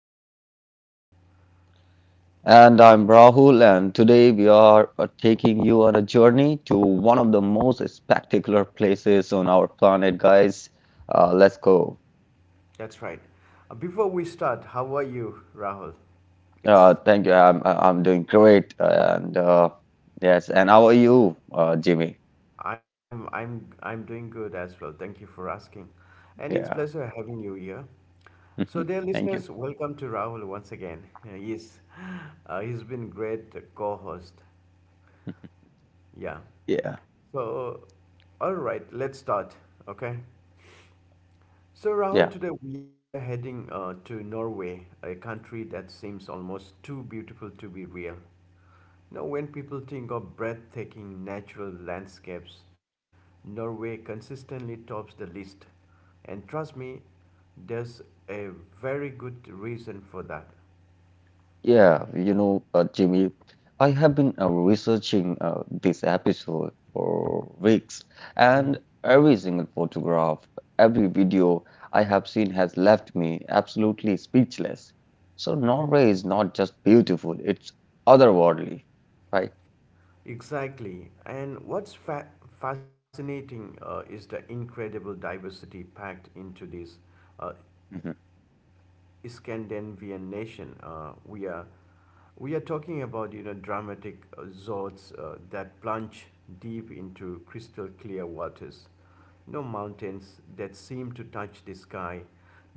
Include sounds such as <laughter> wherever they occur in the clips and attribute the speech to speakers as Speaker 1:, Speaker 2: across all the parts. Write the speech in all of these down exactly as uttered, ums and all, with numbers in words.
Speaker 1: I'm Jimmy.
Speaker 2: And I'm Rahul, and today we are uh, taking you on a journey to one of the most spectacular places on our planet, guys. Uh, let's go.
Speaker 1: That's right. Uh, Before we start, how are you, Rahul?
Speaker 2: Uh,
Speaker 1: It's
Speaker 2: thank you. I'm I- I'm doing great, and uh, yes. And how are you, uh, Jimmy?
Speaker 1: I'm I'm I'm doing good as well. Thank you for asking, and it's
Speaker 2: Yeah.
Speaker 1: pleasure having you here. So, dear
Speaker 2: <laughs> Thank you.
Speaker 1: listeners, welcome to Rahul once again. Uh, Yes, uh, he's been great co-host. Yeah.
Speaker 2: Yeah.
Speaker 1: So, all right, let's start. Okay. So,
Speaker 2: Yeah.
Speaker 1: Rahul, today we are heading uh, to Norway, a country that seems almost too beautiful to be real. Now, when people think of breathtaking natural landscapes, Norway consistently tops the list. And trust me, there's a very good reason for that.
Speaker 2: Yeah, you know, uh, Jimmy, I have been uh, researching uh, this episode for weeks,
Speaker 1: Mhm.
Speaker 2: and every single photograph, every video I have seen has left me absolutely speechless. So Norway is not just beautiful, it's otherworldly, right?
Speaker 1: Exactly. And what's fa- fascinating uh, is the incredible diversity packed into this uh,
Speaker 2: Hmm.
Speaker 1: Scandinavian nation. Uh, we are We are talking about you know dramatic uh, zones uh, that plunge deep into crystal clear waters. No mountains that seem to touch the sky,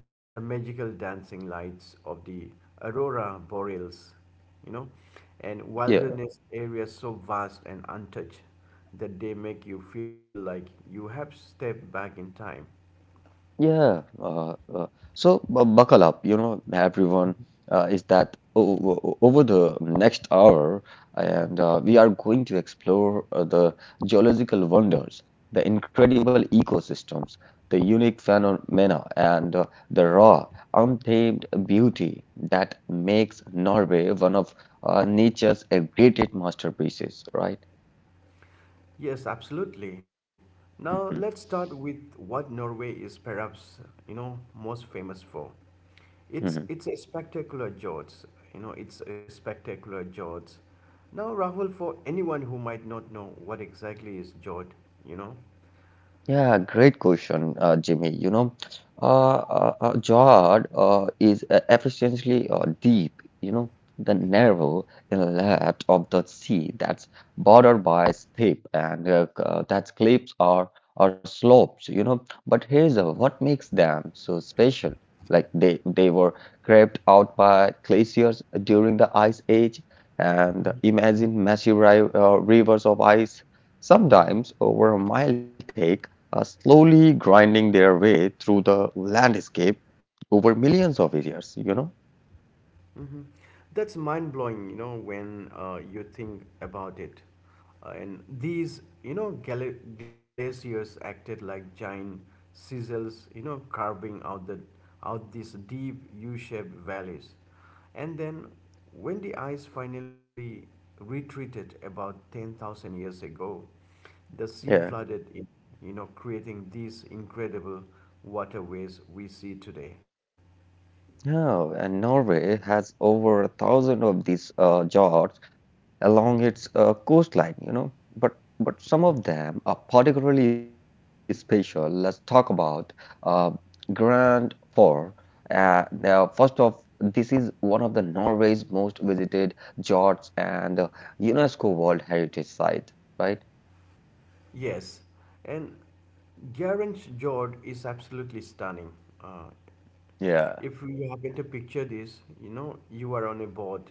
Speaker 1: the magical dancing lights of the aurora boreals, you know, and
Speaker 2: Yeah.
Speaker 1: wilderness areas so vast and untouched that they make you feel like you have stepped back in time.
Speaker 2: Yeah, uh, uh, so bu buckle up, you know, everyone. Uh, is that o o- Over the next hour, and uh, we are going to explore uh, the geological wonders, the incredible ecosystem, the unique phenomena, and uh, the raw, untamed beauty that makes Norway one of uh, nature's greatest masterpieces, right?
Speaker 1: Yes, absolutely. Now
Speaker 2: Mhm,
Speaker 1: let's start with what Norway is perhaps, you know, most famous for. It's
Speaker 2: mhm.
Speaker 1: it's a spectacular George. You know, it's a spectacular George. Now, Rahul, for anyone who might not know what exactly is George, you know,
Speaker 2: Yeah, great question, uh, Jimmy. You know, uh, uh, uh, Jod uh, is uh, efficiently uh, deep, you know, the narrow inlet of the sea that's bordered by steep and uh, uh, that's cliffs or, or slopes, you know. But here's uh, what makes them so special. Like they, they were carved out by glaciers during the Ice Age, and
Speaker 1: hmm,
Speaker 2: imagine massive ri uh, rivers of ice, sometimes over a mile thick uh, slowly grinding their way through the landscape over millions of years, you know?
Speaker 1: that's mind blowing. You know, when uh, you think about it, uh, and these you know gal- glaciers acted like giant chisels, you know, carving out the out these deep U-shaped valleys. And then, when the ice finally retreated about ten thousand years ago, the sea
Speaker 2: Yeah.
Speaker 1: flooded in, you know, creating these incredible waterways we see today.
Speaker 2: Yeah, and Norway has over a thousand of these uh, jars
Speaker 1: Mhm.
Speaker 2: along its uh, coastline, you know. But but some of them are particularly special. Let's talk about uh, Grand Four. Uh, now, first off, this is one of the Norway's most visited fjords and uh, UNESCO World Heritage Site, right?
Speaker 1: Yes, and Garange Jord is absolutely stunning. Uh,
Speaker 2: Yeah.
Speaker 1: If you happen to picture this, you know, you are on a boat,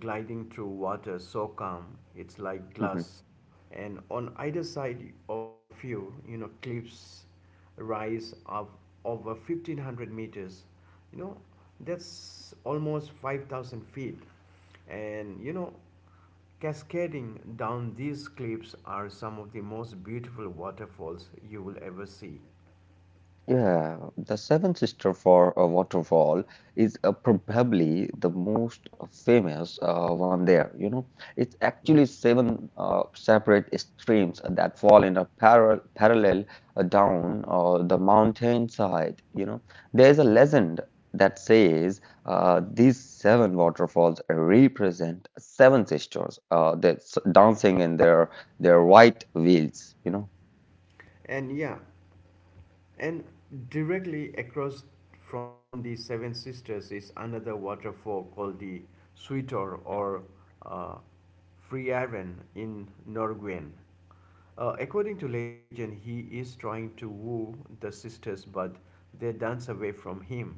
Speaker 1: gliding through water so calm, it's like glass.
Speaker 2: <laughs>
Speaker 1: And on either side of you, you know, cliffs rise up over fifteen hundred meters. You know, that's almost five thousand feet. And, you know, cascading down these cliffs are some of the most beautiful waterfalls you will ever see.
Speaker 2: Yeah, the Seven Sister for a Waterfall is uh, probably the most famous uh, one there. You know, it's actually seven uh, separate streams that fall in a paral parallel uh, down uh, the mountainside. You know, there's a legend that says uh, these seven waterfalls represent seven sisters uh, that's dancing in their their white veils. You know.
Speaker 1: And yeah, and directly across from the Seven Sisters is another waterfall called the Sweetor or uh, Friaren in Norguen. Uh, according to legend, he is trying to woo the sisters, but they dance away from him.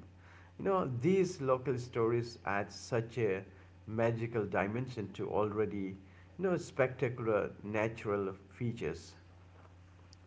Speaker 1: You know, these local stories add such a magical dimension to already, you know, spectacular natural features.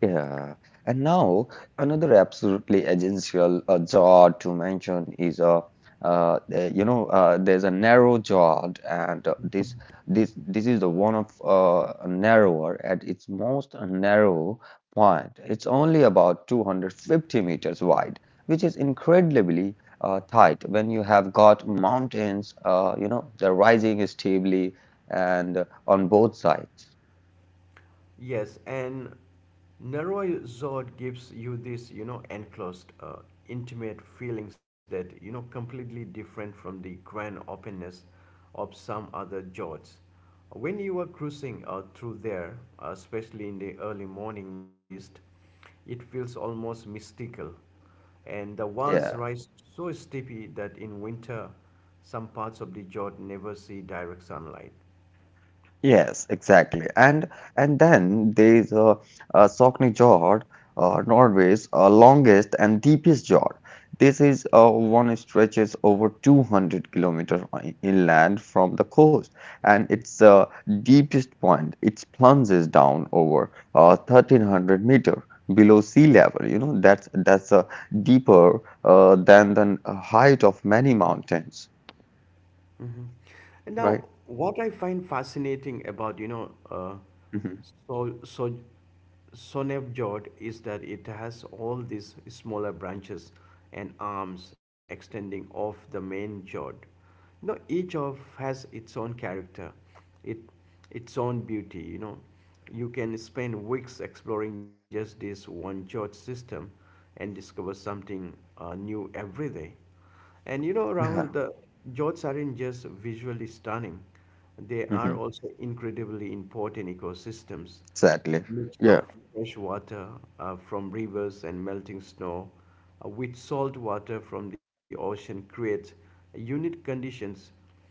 Speaker 2: Yeah, and now another absolutely essential uh, jaw to mention is uh, uh, the- you know uh, there's a narrow jaw and uh, this this this is the one of uh, narrower at its most narrow point. It's only about two hundred fifty meters wide, which is incredibly uh, tight when you have got mountains uh, you know they're rising stably and uh, on both sides.
Speaker 1: Yes, and Narrow-zod gives you this, you know, enclosed, uh, intimate feelings that, you know, completely different from the grand openness of some other jots. When you are cruising uh, through there, uh, especially in the early morning mist, it feels almost mystical, and the walls
Speaker 2: Yeah.
Speaker 1: rise so steeply that in winter, some parts of the jot never see direct sunlight.
Speaker 2: Yes, exactly. And and then there's uh, uh, Soknejord, uh, Norway's uh, longest and deepest jord. This is uh, one stretches over two hundred kilometers inland from the coast, and its uh, deepest point it plunges down over uh, thirteen hundred meter below sea level. You know that's that's uh, deeper uh, than the height of many mountains,
Speaker 1: Mhm. And now,
Speaker 2: right?
Speaker 1: what I find fascinating about you know, uh,
Speaker 2: Hmm.
Speaker 1: so so Sonevjord is that it has all these smaller branches and arms extending off the main jord. You know, each of has its own character, it its own beauty. You know, you can spend weeks exploring just this one jord system, and discover something uh, new every day. And you know,
Speaker 2: <laughs>
Speaker 1: Rahul,
Speaker 2: Yeah.
Speaker 1: the jewels aren't just visually stunning, they are
Speaker 2: Hmm.
Speaker 1: also incredibly important ecosystems. The
Speaker 2: Exactly.
Speaker 1: mix
Speaker 2: Yeah.
Speaker 1: of fresh water uh, from rivers and melting snow uh, with salt water from the ocean creates unique conditions,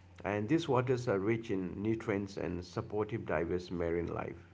Speaker 1: and these waters are rich in nutrients and supportive diverse marine life.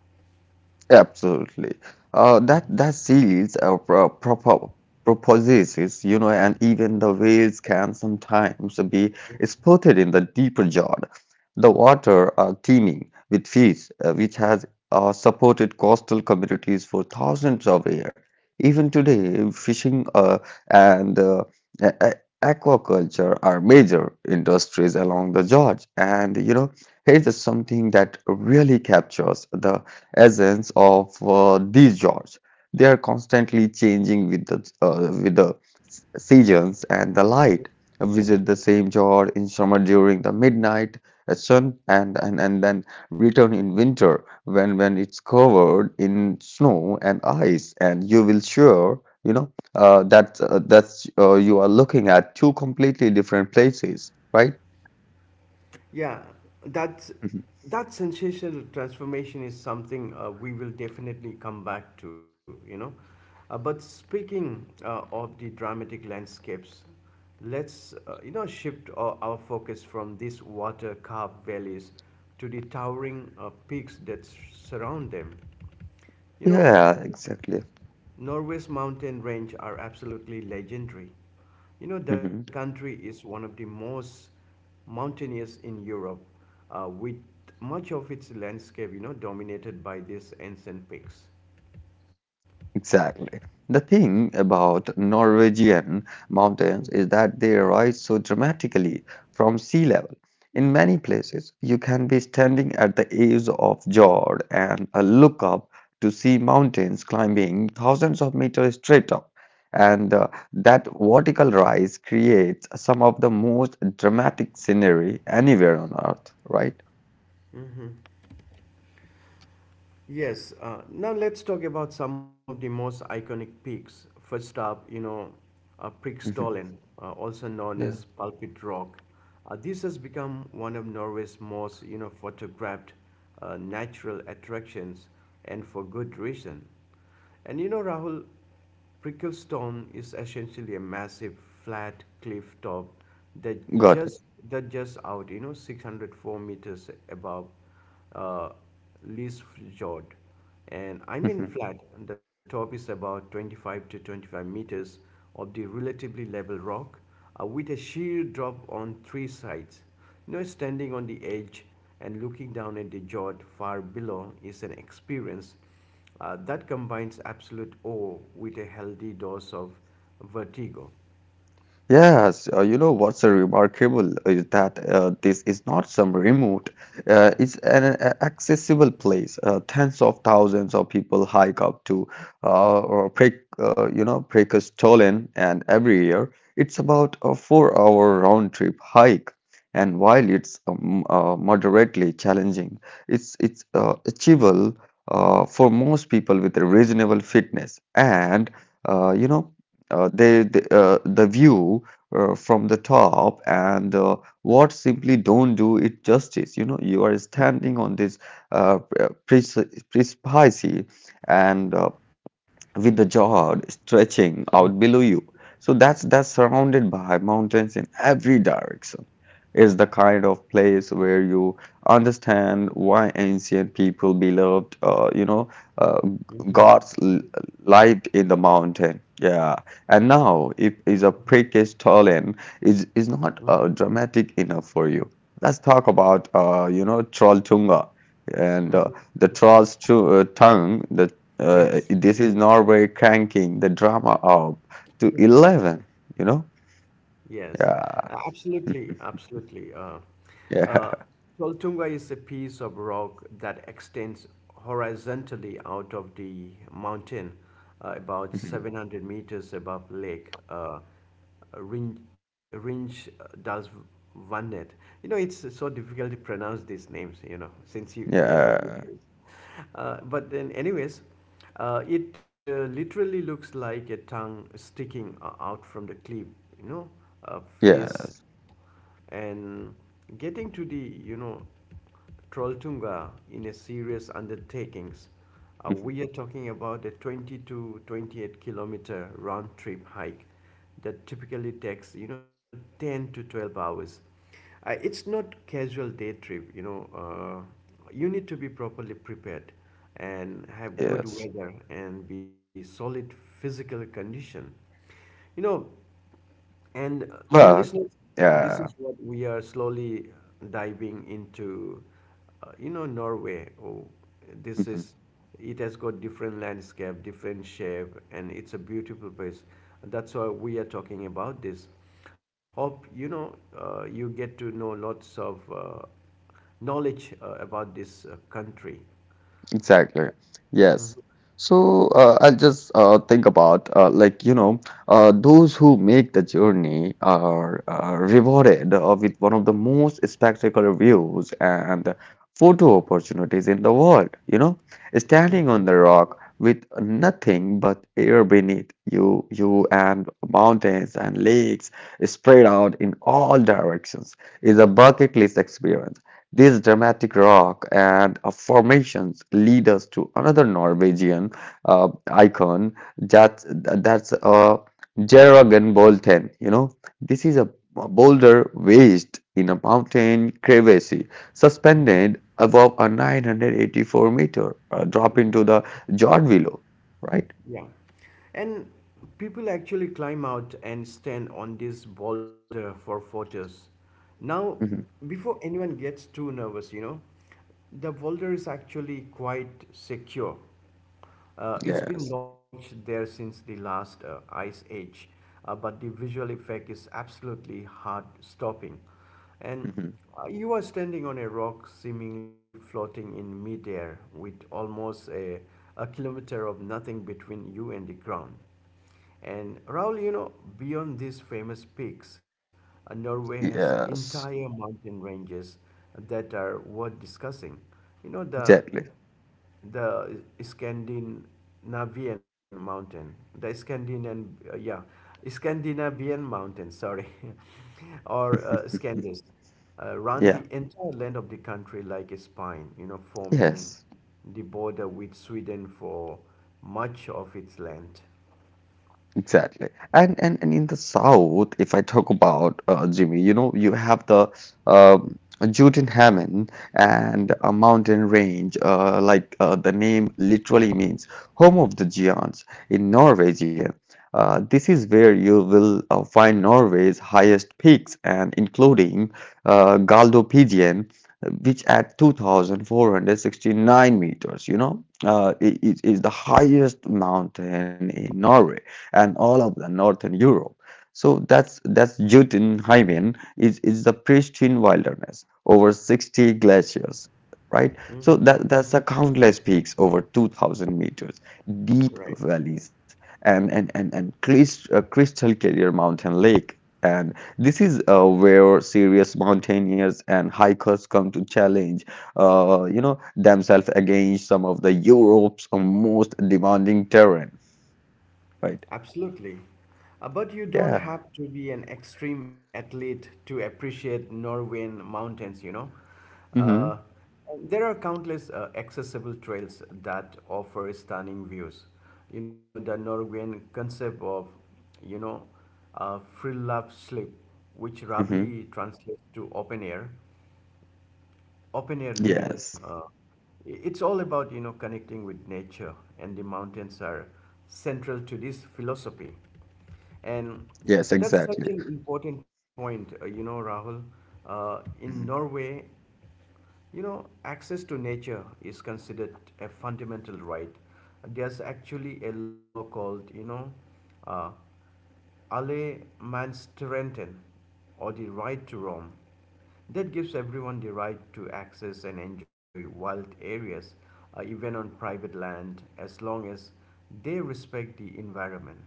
Speaker 2: Absolutely. Uh, that that seals uh, pro propo propositions, you know, and even the whales can sometimes be spotted in the deeper Jordan. The water are teeming with fish, uh, which has uh, supported coastal communities for thousands of years. Even today, fishing uh, and uh, a- a- aquaculture are major industries along the George. And you know, here's something that really captures the essence of uh, these genres. They are constantly changing with the uh, with the s- seasons and the light. Visit the same genre in summer during the midnight uh, sun and, and and then return in winter when when it's covered in snow and ice and you will sure you know uh, that uh, that's uh, you are looking at two completely different places, right?
Speaker 1: Yeah, that's
Speaker 2: Mhm.
Speaker 1: that sensational transformation is something uh, we will definitely come back to, you know. Uh, but speaking uh, of the dramatic landscapes, let's uh, you know shift our, our focus from these water-carved valleys to the towering uh, peaks that surround them. You know,
Speaker 2: Yeah, exactly.
Speaker 1: Norway's mountain range are absolutely legendary. You know, the
Speaker 2: Mhm.
Speaker 1: country is one of the most mountainous in Europe, uh, with much of its landscape, you know, dominated by these ancient peaks.
Speaker 2: Exactly. The thing about Norwegian mountains is that they rise so dramatically from sea level. In many places, you can be standing at the edge of Jord and uh, look up to see mountains climbing thousands of meters straight up. And uh, that vertical rise creates some of the most dramatic scenery anywhere on earth, right?
Speaker 1: Yes, uh, now let's talk about some of the most iconic peaks. First up, you know, uh,
Speaker 2: Mhm.
Speaker 1: Prikstolen, uh, also known
Speaker 2: Yeah.
Speaker 1: as Pulpit Rock. Uh, this has become one of Norway's most, you know, photographed uh, natural attractions, and for good reason. And you know, Rahul, Bricklestone is essentially a massive flat cliff top that
Speaker 2: Got
Speaker 1: just that just out, you know, six hundred four meters above uh, Lees. And I
Speaker 2: it.
Speaker 1: mean
Speaker 2: <laughs>
Speaker 1: flat, the top is about twenty-five to twenty-five meters of the relatively level rock uh, with a sheer drop on three sides. You know, standing on the edge and looking down at the fjord far below is an experience uh, that combines absolute awe with a healthy dose of vertigo.
Speaker 2: Yes, uh, you know what's uh, remarkable is that uh, this is not some remote, uh, it's an uh, accessible place. Uh, tens of thousands of people hike up to uh, or Prek, uh, you know, Prekastollen, and every year it's about a four-hour round-trip hike. And while it's um, uh, moderately challenging, it's it's uh, achievable uh, for most people with a reasonable fitness and uh, you know uh, they, they uh, the view uh, from the top and uh, what simply don't do it justice you know you are standing on this uh, pre- precipice and uh, with the jaw stretching
Speaker 1: Mhm.
Speaker 2: out below you. So that's that's surrounded by mountains in every direction. It's the kind of place where you understand why ancient people believed, uh, you know, uh,
Speaker 1: Mhm.
Speaker 2: gods l- lived in the mountain. Yeah, and now if is a precious talent is is not
Speaker 1: Mhm.
Speaker 2: uh, dramatic enough for you. Let's talk about uh, you know Trolltunga and uh,
Speaker 1: Mhm.
Speaker 2: the troll's tu- uh, tongue. The uh,
Speaker 1: Yes.
Speaker 2: This is Norway cranking the drama up to eleven, you know?
Speaker 1: Yes,
Speaker 2: Yeah, <laughs>
Speaker 1: absolutely, absolutely. Uh,
Speaker 2: yeah,
Speaker 1: uh, Toltunga is a piece of rock that extends horizontally out of the mountain, uh, about seven hundred meters above Lake uh, Rin- Rinch Dalsvannet. You know, it's so difficult to pronounce these names, you know, since you,
Speaker 2: <laughs>
Speaker 1: we are not used
Speaker 2: yeah,
Speaker 1: to it. <laughs> Uh, but then anyways uh, it uh, literally looks like a tongue sticking uh, out from the cliff, you know, a face,
Speaker 2: yes,
Speaker 1: and getting to the, you know, Trolltunga in a serious undertakings, uh, we are talking about a twenty to twenty-eight kilometer round trip hike that typically takes, you know, ten to twelve hours. Uh, it's not casual day trip, you know. Uh, you need to be properly prepared and
Speaker 2: <laughs>
Speaker 1: have good
Speaker 2: yes.
Speaker 1: weather and be solid physical condition. You know, and uh, dear
Speaker 2: But,
Speaker 1: listeners, this
Speaker 2: yeah.
Speaker 1: is what we are slowly diving into. Uh, you know, Norway. Oh, this is.
Speaker 2: <laughs>
Speaker 1: It has got different landscape, different shape, and it's a beautiful place. That's why we are talking about this. Hope you know uh, you get to know lots of uh, knowledge uh, about this uh, country.
Speaker 2: Exactly. Yes. So uh, I'll just uh, think about uh, like you know uh, those who make the journey are uh, rewarded uh, with one of the most spectacular views and photo opportunities in the world. You know, standing on the rock with nothing but air beneath you, you and mountains and lakes spread out in all directions is a bucket list experience. These dramatic rock and uh, formations lead us to another Norwegian uh, icon that, that's uh, Jørgen Bolten. You know, this is a boulder wedged in a mountain crevasse, suspended above a nine hundred eighty-four meter uh, drop into the Jord below, right?
Speaker 1: Yeah. And people actually climb out and stand on this boulder for photos. Now,
Speaker 2: Mhm.
Speaker 1: before anyone gets too nervous, you know, the boulder is actually quite secure. Uh, it's been
Speaker 2: Yes.
Speaker 1: lodged there since the last uh, ice age, uh, but the visual effect is absolutely heart stopping. And
Speaker 2: Mhm.
Speaker 1: uh, you are standing on a rock seemingly floating in midair with almost a, a kilometer of nothing between you and the ground. And Raul, you know, beyond these famous peaks, uh, Norway has entire
Speaker 2: Yes.
Speaker 1: mountain ranges that are worth discussing. You know, the
Speaker 2: Exactly.
Speaker 1: the Scandinavian mountain, the Scandinavian, uh, yeah, Scandinavian mountain, sorry, <laughs> or uh, Scandis, uh, run
Speaker 2: Yeah.
Speaker 1: the entire length of the country like a spine, you know, forming
Speaker 2: Yes.
Speaker 1: the border with Sweden for much of its length.
Speaker 2: Exactly. And, and and in the South, if I talk about uh, Jimmy, you know, you have the um Juten Heaven and a mountain range, uh, like uh, the name literally means home of the giants in Norwegian. Uh, this is where you will uh, find Norway's highest peaks and including uh, Galdhøpiggen, which at two thousand four hundred sixty-nine meters, you know, uh, i- is, is the highest mountain in Norway and all of the northern Europe. So that's that's Jotunheimen is is the pristine wilderness over sixty glaciers, right? So
Speaker 1: Hmm.
Speaker 2: that that's the countless peaks over two thousand meters, deep
Speaker 1: Right.
Speaker 2: valleys, and and and and crys- uh, crystal clear mountain lake. And this is uh, where serious mountaineers and hikers come to challenge, uh, you know, themselves against some of the Europe's most demanding terrain, right?
Speaker 1: Absolutely. Uh, but you
Speaker 2: Yeah.
Speaker 1: don't have to be an extreme athlete to appreciate Norwegian mountains, you know.
Speaker 2: Mm-hmm.
Speaker 1: Uh, there are countless uh, accessible trails that offer stunning views. You know, the Norwegian concept of, you know, uh, free love slip, which
Speaker 2: Mm-hmm.
Speaker 1: roughly translates to open air, open air
Speaker 2: Yes.
Speaker 1: living. Uh, i- it's all about you know connecting with nature, and the mountains are central to this philosophy. And
Speaker 2: Yes, exactly.
Speaker 1: that's such an important point, uh, you know, Rahul. Uh, in
Speaker 2: Mhm.
Speaker 1: Norway, you know, access to nature is considered a fundamental right. There's actually a law called, you know, uh, alle Menschenrechten, or the right to roam. That gives everyone the right to access and enjoy wild areas, uh, even on private land, as long as they respect the environment.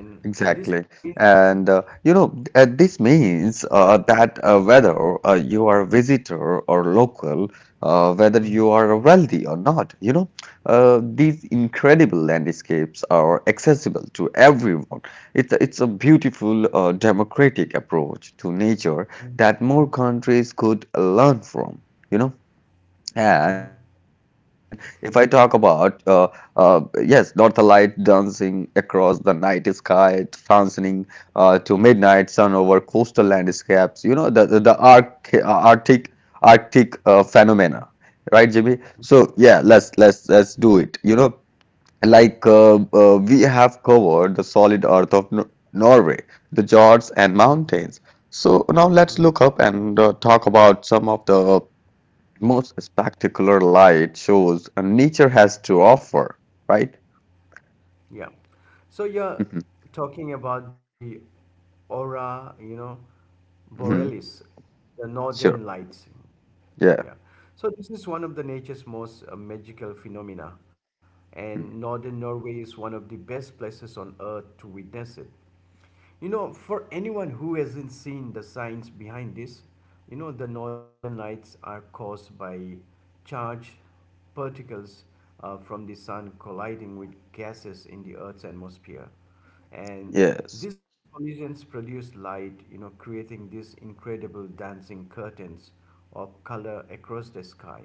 Speaker 1: And
Speaker 2: Exactly.
Speaker 1: this means.
Speaker 2: And uh, you know, th- uh, This means uh, that uh, whether uh, you are a visitor or local, uh, whether you
Speaker 1: Mhm.
Speaker 2: are wealthy or not, you know, uh, these incredible landscapes are accessible to everyone. It's a- it's a beautiful uh, democratic approach to nature that more countries could learn from, you know. And
Speaker 1: Mhm.
Speaker 2: if I talk about, uh, uh, yes, northern light dancing across the night sky, transiting uh, to midnight sun over coastal landscapes, you know, the, the, the arc, uh, Arctic, Arctic uh, phenomena, right, Jimmy? So, yeah, let's, let's, let's do it. You know, like uh, uh, we have covered the solid earth of Nor- Norway, the fjords and
Speaker 1: Mhm.
Speaker 2: mountains. So now let's look up and uh, talk about some of the most spectacular light shows uh, nature has to offer, right?
Speaker 1: Yeah. So
Speaker 2: Hmm.
Speaker 1: you're talking about the aura, you know,
Speaker 2: Hmm.
Speaker 1: borealis, the
Speaker 2: Sure.
Speaker 1: northern lights.
Speaker 2: Yeah.
Speaker 1: Yeah. So this is one of the nature's most uh, magical phenomena,
Speaker 2: Mm.
Speaker 1: and northern Norway is one of the best places on earth to witness it. You know, for anyone who hasn't seen the science behind this, you know, the northern lights are caused by charged particles uh, from the sun colliding with gases in the Earth's atmosphere. And
Speaker 2: Yes.
Speaker 1: these collisions produce light, you know, creating these incredible dancing curtains of color across the sky.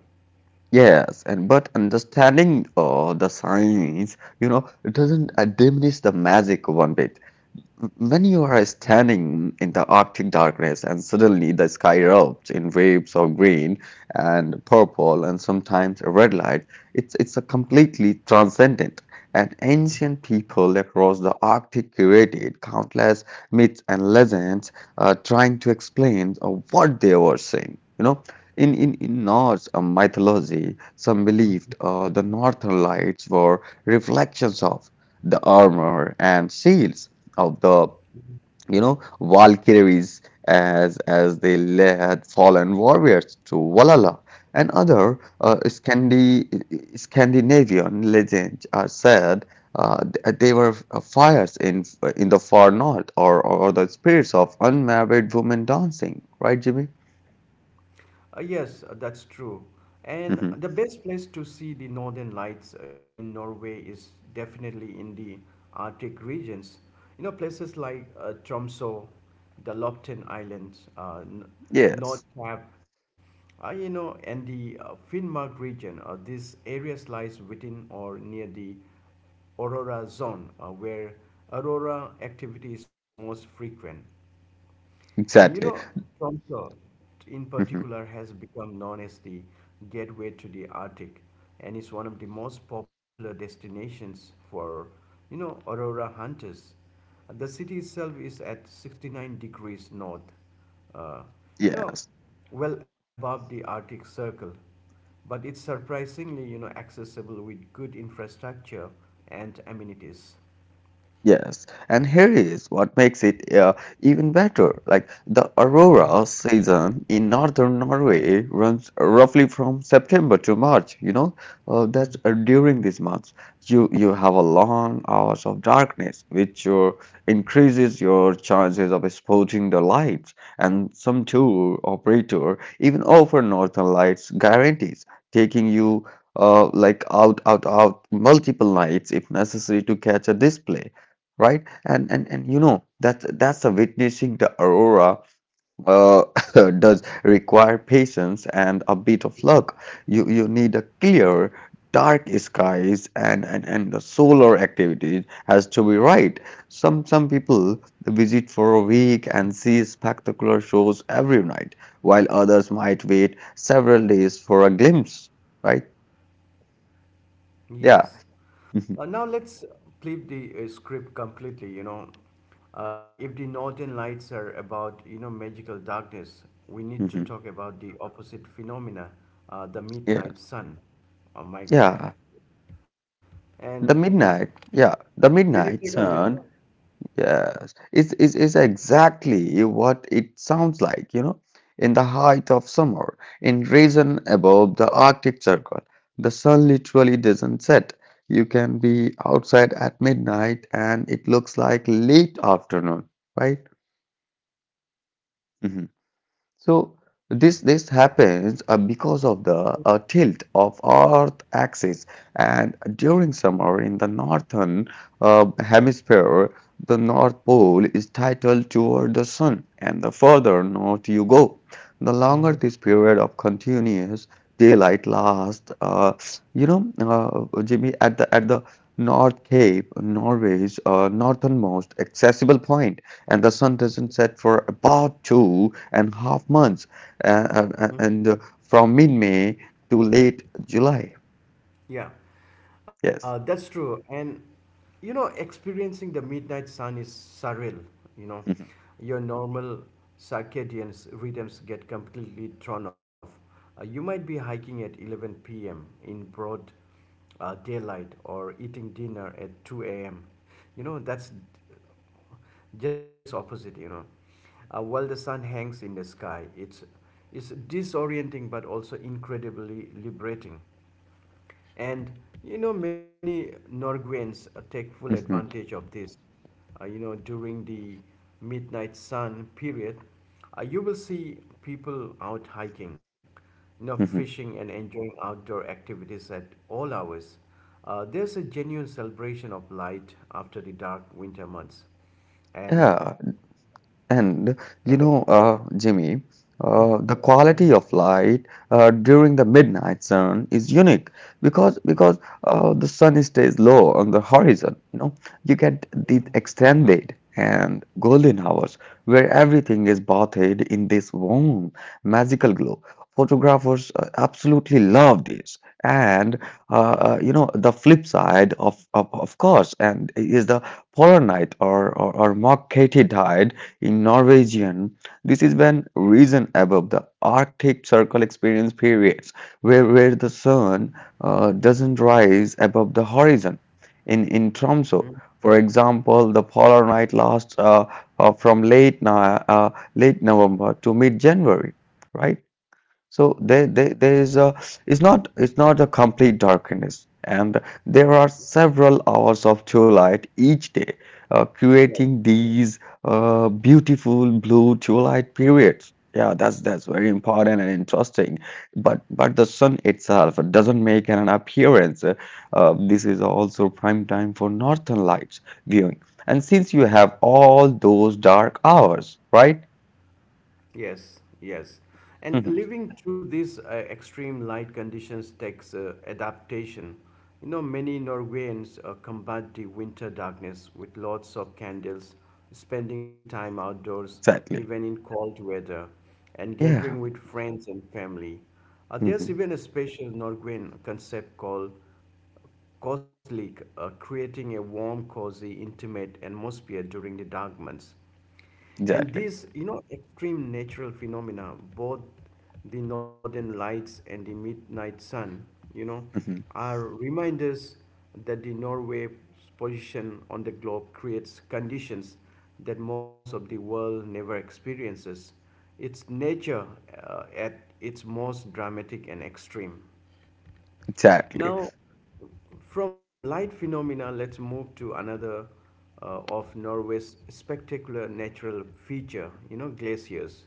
Speaker 2: Yes. And but understanding uh, the science, you know, it doesn't uh, diminish the magic one bit. When you are standing in the Arctic darkness and suddenly the sky erupts in waves of green and purple and sometimes red light, it's, it's a completely transcendent. And ancient people across the Arctic created countless myths and legends uh, trying to explain uh, what they were seeing. You know, in, in, in Norse uh, mythology, some believed uh, the northern lights were reflections of the armor and shields of the you know Valkyries as as they le- had fallen warriors to Valhalla and other uh, Scandi Scandinavian legends are said uh, th- they were uh, fires in uh, in the far north or or the spirits of unmarried women dancing right Jimmy.
Speaker 1: Uh, yes, uh, that's true.
Speaker 2: Hmm.
Speaker 1: And the best place to see the northern lights uh, in Norway is definitely in the Arctic regions. You know, places like uh, Tromsø, the Loften Islands, uh, N-
Speaker 2: Yes,
Speaker 1: Nordkapp, uh, you know, and the uh, Finnmark region. Uh, these areas lies within or near the aurora zone, uh, where aurora activity is most frequent. And you
Speaker 2: exactly.
Speaker 1: know, Tromsø in
Speaker 2: Hmm.
Speaker 1: particular has become known as the gateway to the Arctic and is one of the most popular destinations for, you know, aurora hunters. The city itself is at sixty-nine degrees north, uh,
Speaker 2: Yes.
Speaker 1: no, well above the Arctic Circle, but it's surprisingly, you know, accessible with good infrastructure and amenities.
Speaker 2: Yes, and here is what makes it uh, even better. Like the aurora season in northern Norway runs roughly from September to March. You know, uh, that's uh,
Speaker 1: Mhm.
Speaker 2: during these months. You you have a long hours of darkness, which uh, increases your chances of spotting the lights. And some tour operator even offer northern lights guarantees, taking you uh, like out out out multiple nights if necessary to catch a display right? And and and you know that's that's a witnessing the aurora uh, <laughs> does require patience and a bit of luck. You you need a clear, dark skies and and and the solar activity has to be right. Some some people visit for a week and see spectacular shows every night, while others might wait several days for a glimpse. Right? Yeah.
Speaker 1: Yes.
Speaker 2: <laughs> Mhm,
Speaker 1: Uh, now let's flip the uh, script completely. You know, uh, if the northern lights are about you know magical darkness, we need to
Speaker 2: mhm.
Speaker 1: talk about the opposite phenomena, uh, the
Speaker 2: Yeah.
Speaker 1: midnight sun. Oh my God!
Speaker 2: Yeah. The
Speaker 1: And
Speaker 2: midnight, yeah, the
Speaker 1: can you
Speaker 2: midnight
Speaker 1: take on this?
Speaker 2: sun, yes, is, is is exactly what it sounds like, you know. In the height of summer, in region above the Arctic Circle, the sun literally doesn't set. You can be outside at midnight and it looks like late afternoon, right? Mm-hmm. So this this happens uh, because of the uh, tilt of Earth axis, and during summer in the northern uh, hemisphere, the North Pole is titled toward the sun, and the further north you go, the longer this period of continuous daylight lasts. Uh, you know, uh, Jimmy, at the at the North Cape, Norway's uh, northernmost accessible point and the sun doesn't set for about two and a half months, uh, uh, uh, and uh, from mid May to late July.
Speaker 1: Yeah,
Speaker 2: Yes.
Speaker 1: uh, that's true. And you know, experiencing the midnight sun is surreal. You know,
Speaker 2: Mhm,
Speaker 1: your normal circadian s- rhythms get completely thrown off. Uh, you might be hiking at eleven p m In broad uh, daylight or eating dinner at two a m. You know, that's just opposite. You know, uh, while the sun hangs in the sky, it's it's disorienting but also incredibly liberating. And you know, many Norwegians uh, take full
Speaker 2: mhm,
Speaker 1: advantage of this. Uh, you know, during the midnight sun period, uh, you will see people out hiking, you know,
Speaker 2: mhm.
Speaker 1: fishing and enjoying outdoor activities at all hours. Uh, there's a genuine celebration of light after the dark winter months,
Speaker 2: Yeah.
Speaker 1: and
Speaker 2: And you
Speaker 1: and the,
Speaker 2: know, uh, Jimmy, uh, the
Speaker 1: Mm,
Speaker 2: quality of light uh, during the midnight sun is unique because because
Speaker 1: mm,
Speaker 2: uh, the sun stays low on the horizon. You know, you get these extended and golden hours where everything is bathed in this warm, magical glow. Photographers uh, absolutely love this. And uh, uh, you know, the flip side of, of of course, and is the polar night or or, or Mercati in Norwegian, this is when region above the Arctic Circle experience periods where, where the sun uh, doesn't rise above the horizon. In, in Tromso,
Speaker 1: mm,
Speaker 2: for example, the polar night lasts uh, uh, from late, no- uh, late November to mid January, right? So there, there, there is a it's not it's not a complete darkness, and there are
Speaker 1: mm,
Speaker 2: several hours of true light each day, uh, creating
Speaker 1: right.
Speaker 2: these uh, beautiful blue true light periods. Yeah, that's that's very important and interesting. But but the sun itself doesn't make an appearance. Uh, this is also prime time for northern lights viewing. And since you have all those dark hours, right? <laughs>
Speaker 1: Yes, yes. And
Speaker 2: Mhm.
Speaker 1: living through these uh, extreme light conditions takes uh, adaptation. You know, many Norwegians uh, combat the winter darkness with lots of candles, spending time outdoors,
Speaker 2: Exactly.
Speaker 1: even in cold weather, and
Speaker 2: Yeah.
Speaker 1: gathering with friends and family.
Speaker 2: <laughs>
Speaker 1: Uh, there's
Speaker 2: hmm.
Speaker 1: even a special Norwegian concept called Coslick, uh, creating a warm, cozy, intimate atmosphere during the dark months. And
Speaker 2: Exactly.
Speaker 1: these, you know, extreme natural phenomena, both the northern lights and the midnight sun, you know,
Speaker 2: Mhm.
Speaker 1: are reminders that the Norway's position on the globe creates conditions that most of the world never experiences. It's nature uh, at its most dramatic and extreme.
Speaker 2: Exactly.
Speaker 1: Now, from light phenomena, let's move to another uh, of Norway's spectacular natural feature, you know, glaciers.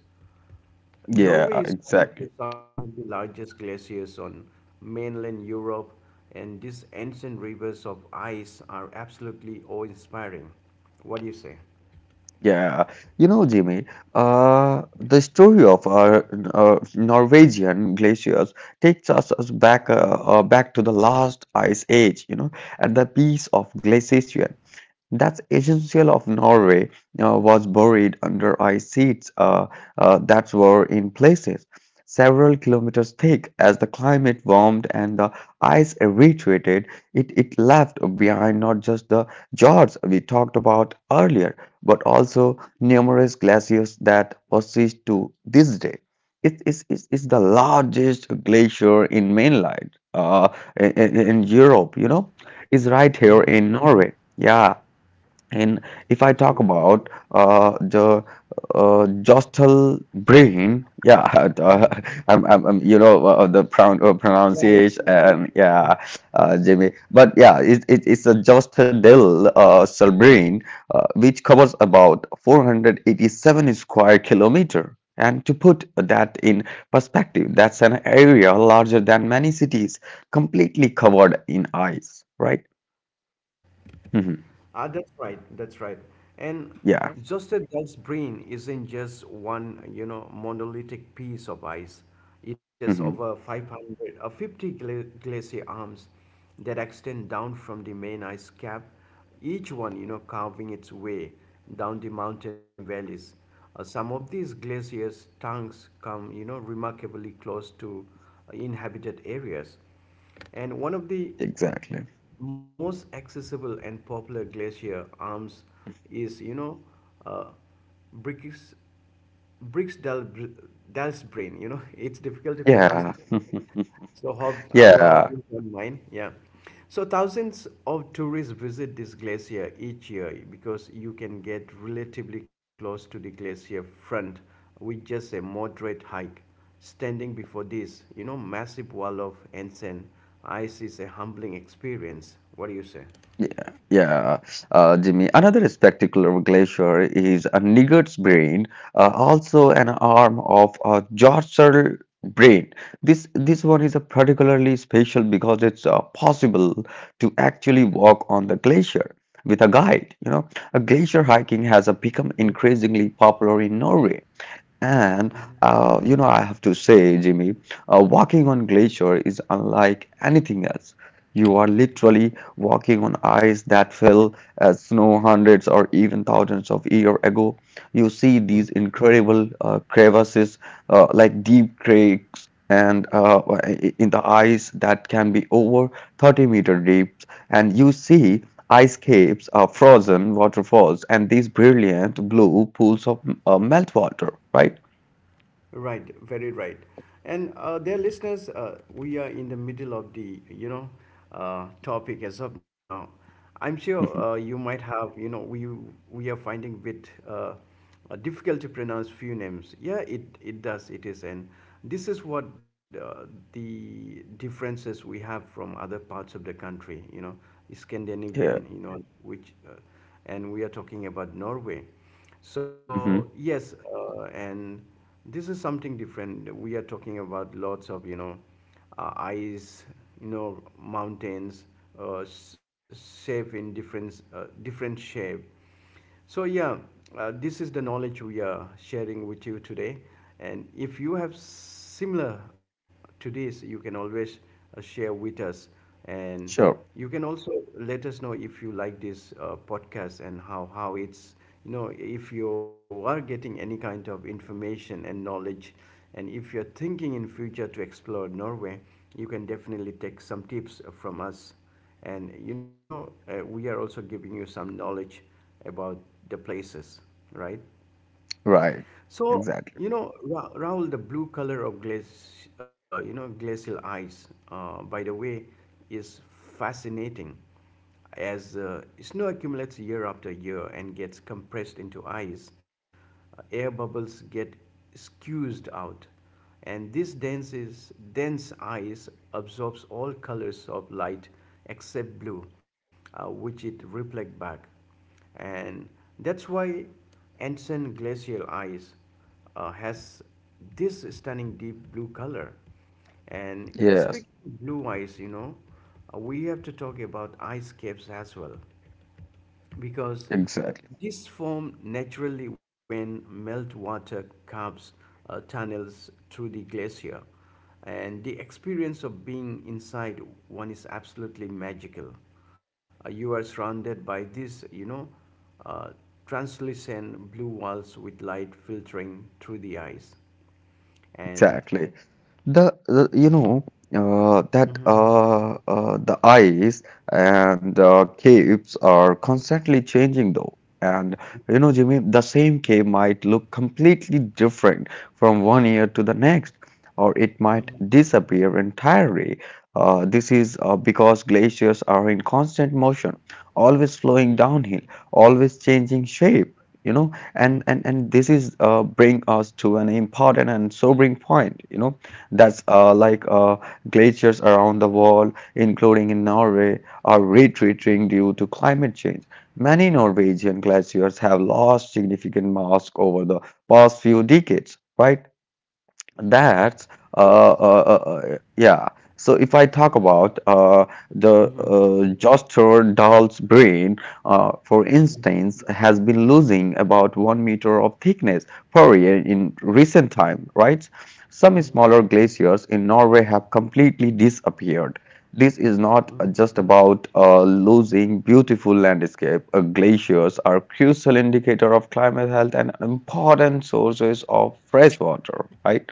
Speaker 2: Yeah,
Speaker 1: Norway is
Speaker 2: exactly.
Speaker 1: home to some of the largest glaciers on mainland Europe, and these ancient rivers of ice are absolutely awe-inspiring. What do you say?
Speaker 2: Yeah. You know, Jimmy, uh, the story of our uh, Norwegian glaciers takes us, us back uh, uh, back to the last ice age, you know, and the peace of glaciation. That's essential of Norway uh, was buried under ice sheets uh, uh, that were in places several kilometers thick. As the climate warmed and the ice retreated, it, it left behind not just the fjords we talked about earlier, but also numerous glaciers that persist to this day. It is it's, it's the largest glacier in mainland uh, in, in in Europe, you know, is right here
Speaker 1: Mm-hmm.
Speaker 2: in Norway. Yeah, and if I talk
Speaker 1: Absolutely.
Speaker 2: about uh, the uh, Jostal brain, yeah, <laughs> uh, I'm, I'm, I'm, you know, uh, the pronoun uh,
Speaker 1: Yeah, it's
Speaker 2: pronunciation, and yeah, uh, Jimmy. But yeah, it, it, it's a Jostedal uh, cell brain, uh, which covers about four hundred eighty-seven square kilometer. And to put that in perspective, that's an area larger than many cities, completely covered in ice, right? hmm.
Speaker 1: Ah, that's right. That's right. And
Speaker 2: Yeah.
Speaker 1: just a dog's brain isn't just one, you know, monolithic piece of ice. It has
Speaker 2: hmm.
Speaker 1: over five hundred, uh, fifty gla glacier arms that extend down from the main ice cap, each one, you know, carving its way down the mountain valleys. Uh, some of these glaciers' tongues come, you know, remarkably close to uh, inhabited areas. And one of the
Speaker 2: Exactly.
Speaker 1: most accessible and popular glacier arms is you know uh, Briggs Briggs Dal, Dalsbrin. You know, <laughs> it's difficult to pronounce.
Speaker 2: Yeah. <laughs>
Speaker 1: So hope our
Speaker 2: Yeah.
Speaker 1: audience and mine, yeah. So thousands of tourists visit this glacier each year because you can get relatively close to the glacier front with just a moderate hike. Standing before this, you know, massive wall of ancient ice is a humbling experience. What do you say?
Speaker 2: Yeah, yeah, uh, Jimmy. Another spectacular glacier is a Niggard's Brain, uh, also an arm of uh, Jorser Brain. This this one is a particularly special because it's uh, possible to actually walk on the glacier with a guide. You know, a glacier hiking has uh, become increasingly popular in Norway. And uh, you know, I have to say, Jimmy, uh, walking on glacier is unlike anything else. You are literally walking on ice that fell as snow hundreds or even thousands of years ago. You see these incredible uh, crevasses, uh, like deep cracks, and uh, i- in the ice that can be over thirty meter deep. And you see Ice caves are frozen waterfalls and these brilliant blue pools of uh, meltwater, right?
Speaker 1: Right, very right. And uh, dear listeners, uh, we are in the middle of the you know uh, topic as of now. I'm sure
Speaker 2: Mhm.
Speaker 1: uh, you might have you know we we are finding bit uh, uh, difficult to pronounce few names. Yeah, it it does. It is, and this is what uh, the differences we have from other parts of the country. You know,
Speaker 2: Yeah.
Speaker 1: Scandinavian. You know, which uh, and we are talking about Norway.
Speaker 2: hmm.
Speaker 1: So yes, uh, and this is something different. We are talking about lots of you know uh, ice, you know mountains, uh, s- shape in different uh, different shape. So yeah, uh, this is the knowledge we are sharing with you today. And if you have similar to this, you can always uh, share with us. And
Speaker 2: Sure.
Speaker 1: you can also let us know if you like this uh, podcast and how, how it's, you know, if you are getting any kind of information and knowledge, and if you're thinking in future to explore Norway, you can definitely take some tips from us. And, you know, uh, we are also giving you some knowledge about the places, right?
Speaker 2: Right.
Speaker 1: So,
Speaker 2: Exactly.
Speaker 1: you know, Ra- Rahul, the blue color of glace, uh, you know, glacial ice, uh, by the way, is fascinating as uh, snow accumulates year after year and gets compressed into ice, uh, air bubbles get squeezed out, and this dense is dense ice absorbs all colors of light except blue, uh, which it reflects back and that's why Anson glacial ice uh, has this stunning deep blue color. And
Speaker 2: Yes.
Speaker 1: speaking of blue ice, you know, uh, we have to talk about ice caps as well because
Speaker 2: Exactly.
Speaker 1: this form naturally when meltwater carves uh, tunnels through the glacier. And the experience of being inside one is absolutely magical. Uh, you are surrounded by these, you know, uh, translucent blue walls with light filtering through the ice. And
Speaker 2: Exactly. The, the you know uh, that
Speaker 1: Mhm.
Speaker 2: uh, uh, the eyes and uh, caves are constantly changing though. And you know, Jimmy, the same cave might look completely different from one year to the next, or it
Speaker 1: Mhm.
Speaker 2: might disappear entirely. Uh, this is uh, because glaciers are in constant motion, always flowing downhill, always changing shape. You know,
Speaker 1: Mhm.
Speaker 2: and and and this is uh, bring us to an important and sobering point. You know that's uh, like uh, glaciers around the world, including in Norway, are retreating due to climate change. Many Norwegian glaciers have lost significant mass over the past few decades, right? That's uh, uh, uh uh, yeah. So if I talk about uh the
Speaker 1: Mhm.
Speaker 2: uh, Joster doll's brain, uh, for instance, has been losing about one meter of thickness per year in recent time, right? Some smaller glaciers in Norway have completely disappeared. This is not uh, just about uh, losing beautiful landscape. Uh, glaciers are crucial indicator of climate health and important sources of fresh water, right?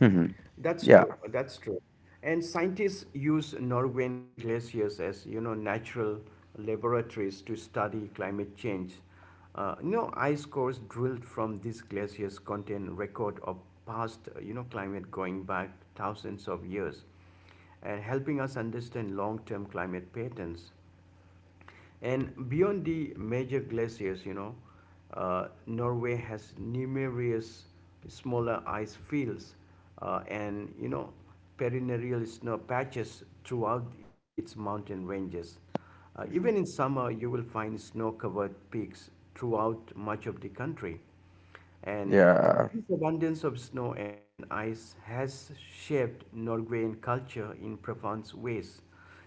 Speaker 2: Mhm.
Speaker 1: That's true.
Speaker 2: Yeah.
Speaker 1: That's true. And scientists use Norwegian glaciers as you know natural laboratories to study climate change. Uh, you know, ice cores drilled from these glaciers contain record of past uh, you know climate going back thousands of years, and helping us understand long-term climate patterns. And beyond the major glaciers, you know, uh, Norway has numerous smaller ice fields uh, and, you know, perennial snow patches throughout its mountain ranges. Uh, even in
Speaker 2: Mhm.
Speaker 1: summer, you will find snow covered peaks throughout much of the country. And
Speaker 2: Yeah.
Speaker 1: this abundance of snow and ice has shaped Norwegian culture in profound ways.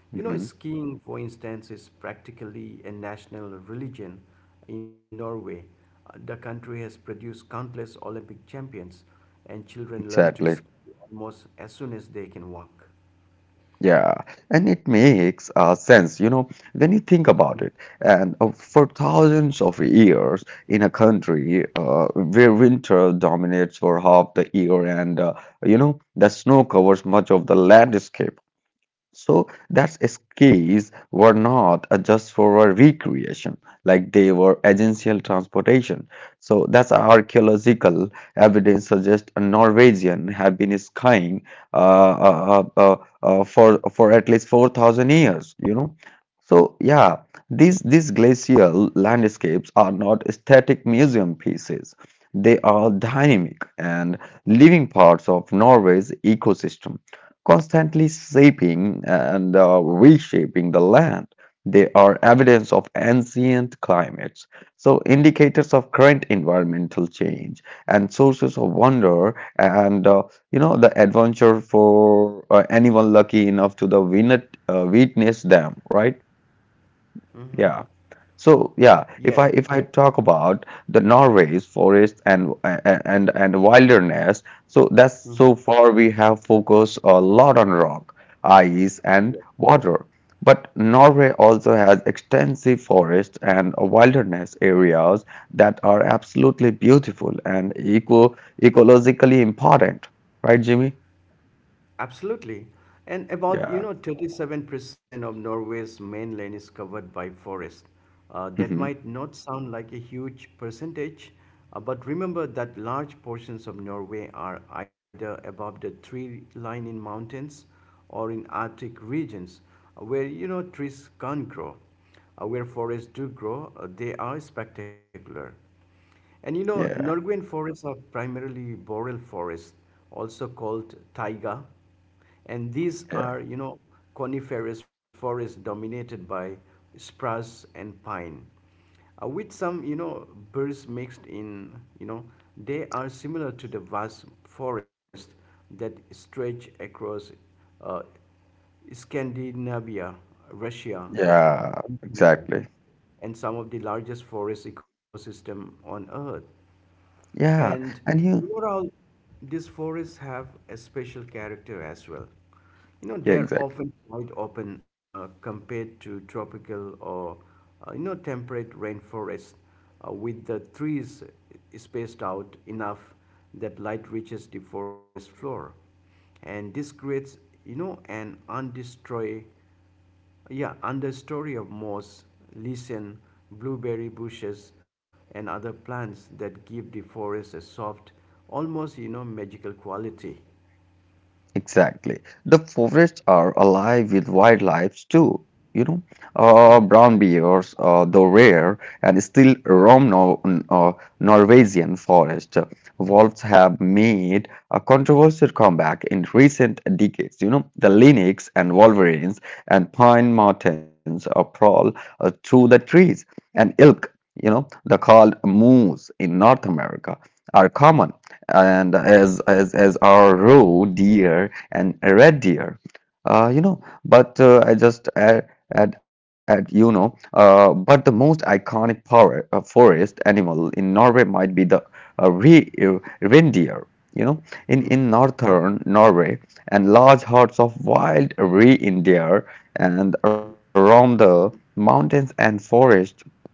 Speaker 1: You know,
Speaker 2: Mhm.
Speaker 1: skiing, for instance, is practically a national religion in Norway. Uh, The country has produced countless Olympic champions, and children learn to
Speaker 2: Exactly.
Speaker 1: ski almost as soon as they can walk.
Speaker 2: Yeah. And it makes uh, sense, you know, when you think
Speaker 1: Mm.
Speaker 2: about it. And uh, for thousands of years in a country uh, where winter dominates for half the year and, uh, you know, the snow covers much of the landscape, so that's escapes were not uh, just for our recreation, like they were essential transportation. So that's archaeological evidence suggests a Norwegian have been skiing uh, uh, uh, uh, uh, for for at least four thousand years, you know. So yeah, these these glacial landscapes are not static museum pieces. They are dynamic and living parts of Norway's ecosystem constantly shaping and uh, reshaping the land. They are evidence of ancient climates, so indicators of current environmental change and sources of wonder and uh, you know the adventure for uh, anyone lucky enough to the win- uh, witness them, right? Yeah. So yeah,
Speaker 1: Yes.
Speaker 2: if I if I talk about the Norway's forest and and and and wilderness, so that's
Speaker 1: Hmm.
Speaker 2: so far we have focused a lot on rock, ice, and water. But Norway also has extensive forest and wilderness areas that are absolutely beautiful and eco ecologically important, right, Jimmy?
Speaker 1: Absolutely. And about,
Speaker 2: Yeah.
Speaker 1: you know, thirty-seven percent of Norway's mainland is covered by forest. Uh, that
Speaker 2: hmm.
Speaker 1: might not sound like a huge percentage, uh, but remember that large portions of Norway are either above the tree line in mountains or in Arctic regions uh, where, you know, trees can't grow. Uh, where forests do grow, uh, they are spectacular. And you know,
Speaker 2: Yeah.
Speaker 1: Norwegian forests are primarily boreal forests, also called taiga. And these
Speaker 2: Yeah.
Speaker 1: are, you know, coniferous forests dominated by spruce and pine. Uh, with some, you know, birds mixed in, you know, they are similar to the vast forests that stretch across uh, Scandinavia, Russia,
Speaker 2: Yeah.
Speaker 1: and Canada
Speaker 2: Exactly.
Speaker 1: and some of the largest forest ecosystem on earth.
Speaker 2: Yeah.
Speaker 1: And
Speaker 2: And you.
Speaker 1: overall, these forests have a special character as well. You know,
Speaker 2: Yeah.
Speaker 1: they're
Speaker 2: Exactly.
Speaker 1: often quite open uh, compared to tropical or, uh, you know, temperate rainforests uh, with the trees spaced out enough that light reaches the forest floor. And this creates, you know, an undestroy yeah, and the story of moss, lichen, blueberry bushes, and other plants that give the forest a soft, almost you know magical quality.
Speaker 2: Exactly. The forests are alive with wildlife too, you know. Uh, brown bears, uh, though rare, and still roam Nor uh, Norwegian forest. Wolves have made a controversial comeback in recent decades. You know, the lynx and wolverines and pine martens uh, prowl uh, through the trees, and elk, you know, the called moose in North America, are common and as as as are roe deer and red deer. Uh, you know, but uh, I just add, add, add you know, uh, but the most iconic power, uh, forest animal in Norway might be the uh, re, uh, reindeer. You know, in in northern Norway, and large herds of wild reindeer and around the mountains and forests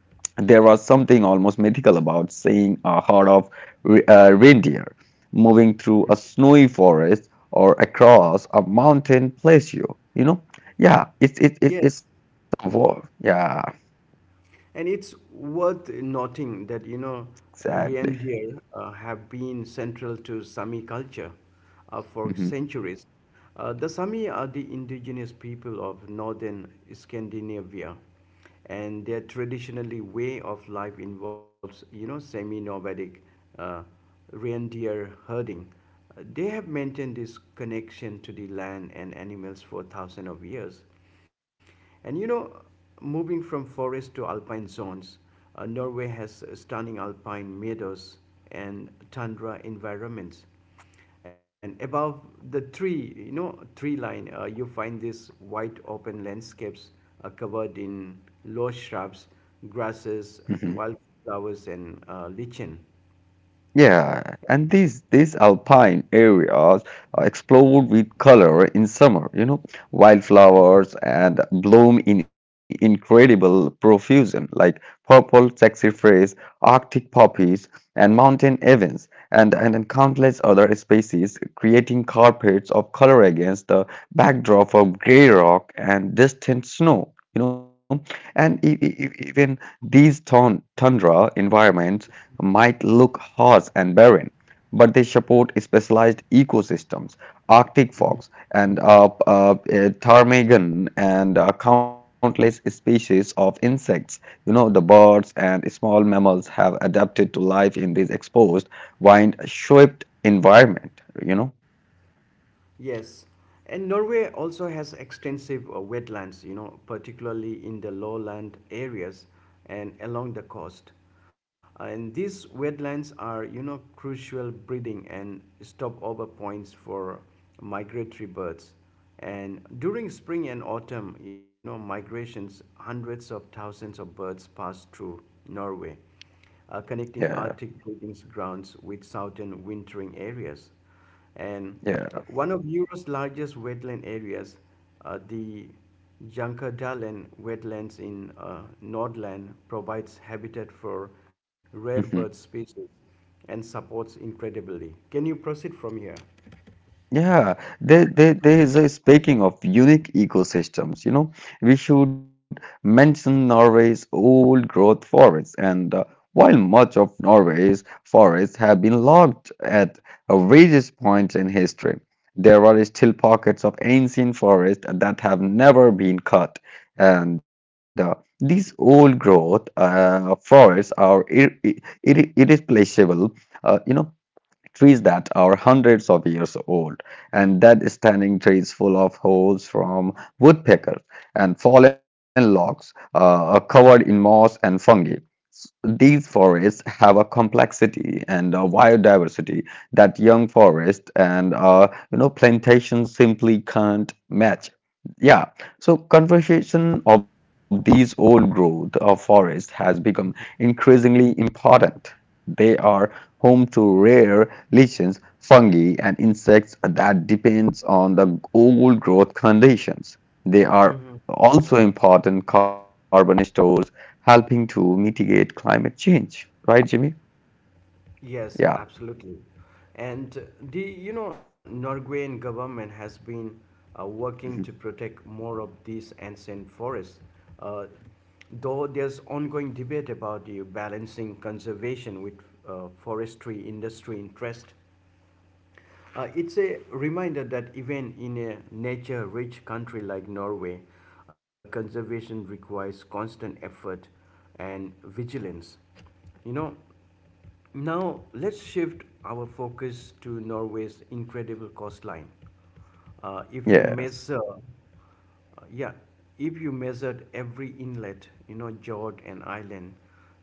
Speaker 2: there was something almost mythical about seeing a herd of re- uh, reindeer moving through a
Speaker 1: Mm.
Speaker 2: snowy forest or across a mountain plateau. You know? Yeah, it's it,
Speaker 1: Yes,
Speaker 2: it, it's a war. Yeah,
Speaker 1: and it's worth noting that, you know,
Speaker 2: exactly.
Speaker 1: reindeer uh, have been central to Sami culture uh, for
Speaker 2: Mhm.
Speaker 1: centuries. Uh, the Sami are the indigenous people of northern Scandinavia, and their traditionally way of life involves, you know, semi-nomadic uh, reindeer herding. Uh, They have maintained this connection to the land and animals for thousands of years. And you know, moving from forest to alpine zones, uh, Norway has stunning alpine meadows and tundra environments. And above the tree, you know, tree line, uh, you find these wide open landscapes uh, covered in low shrubs,
Speaker 2: Mhm.
Speaker 1: grasses, wildflowers, and uh, lichen.
Speaker 2: Yeah, and these these alpine areas are explode with color in summer, you know, wildflowers and bloom in incredible profusion, like purple saxifrage, Arctic poppies, and mountain evans, and, and and countless other species, creating carpets of color against the backdrop of gray rock and distant snow. You know, and e- e- e- even these thun- tundra environments might look harsh and barren, but they support specialized ecosystems, Arctic fox and uh, uh, uh, ptarmigan and uh, countless species of insects. You know, the birds and small mammals have adapted to life in these exposed, wind-shaped environment, you know.
Speaker 1: Yes, and Norway also has extensive uh, wetlands, you know, particularly in the lowland areas and along the coast. And these wetlands are, you know, crucial breeding and stopover points for migratory birds. And during spring and autumn, you know, migrations, hundreds of thousands of birds pass through Norway uh, connecting
Speaker 2: Yeah,
Speaker 1: Arctic breeding grounds with southern wintering areas. And
Speaker 2: yeah.
Speaker 1: one of Europe's largest wetland areas, uh, the Jankadalen wetlands in uh, Nordland, provides habitat for rare
Speaker 2: <laughs>
Speaker 1: bird species and supports incredibly. Can you proceed from here?
Speaker 2: Yeah, there, there, there is a speaking of unique ecosystems, you know, we should mention Norway's old growth forests. And uh, while much of Norway's forests have been logged at various points in history, there are still pockets of ancient forest that have never been cut. And uh, these old growth uh, forests are ir ir irreplaceable. Uh, you know, trees that are hundreds of years old and dead standing trees full of holes from woodpeckers and fallen logs uh, covered in moss and fungi. S- these forests have a complexity and a biodiversity that young forests and uh, you know plantations simply can't match. Yeah, so conservation of these old growth of forests has become increasingly important. They are home to rare lichens, fungi, and insects that depends on the old growth conditions. They are also important carbon stores, helping to mitigate climate change. Right, Jimmy?
Speaker 1: Yes,
Speaker 2: Yeah.
Speaker 1: absolutely. And uh, the you know Norwegian government has been uh, working to
Speaker 2: Mhm.
Speaker 1: protect more of these ancient forests, uh, though there's ongoing debate about the balancing conservation with uh, forestry industry interest. Uh, it's a reminder that even in a nature rich country like Norway, uh, conservation requires constant effort and vigilance. You know, now let's shift our focus to Norway's incredible coastline. Uh, if you
Speaker 2: Yes.
Speaker 1: measure, uh, yeah, if you measured every inlet, you know, fjord and island,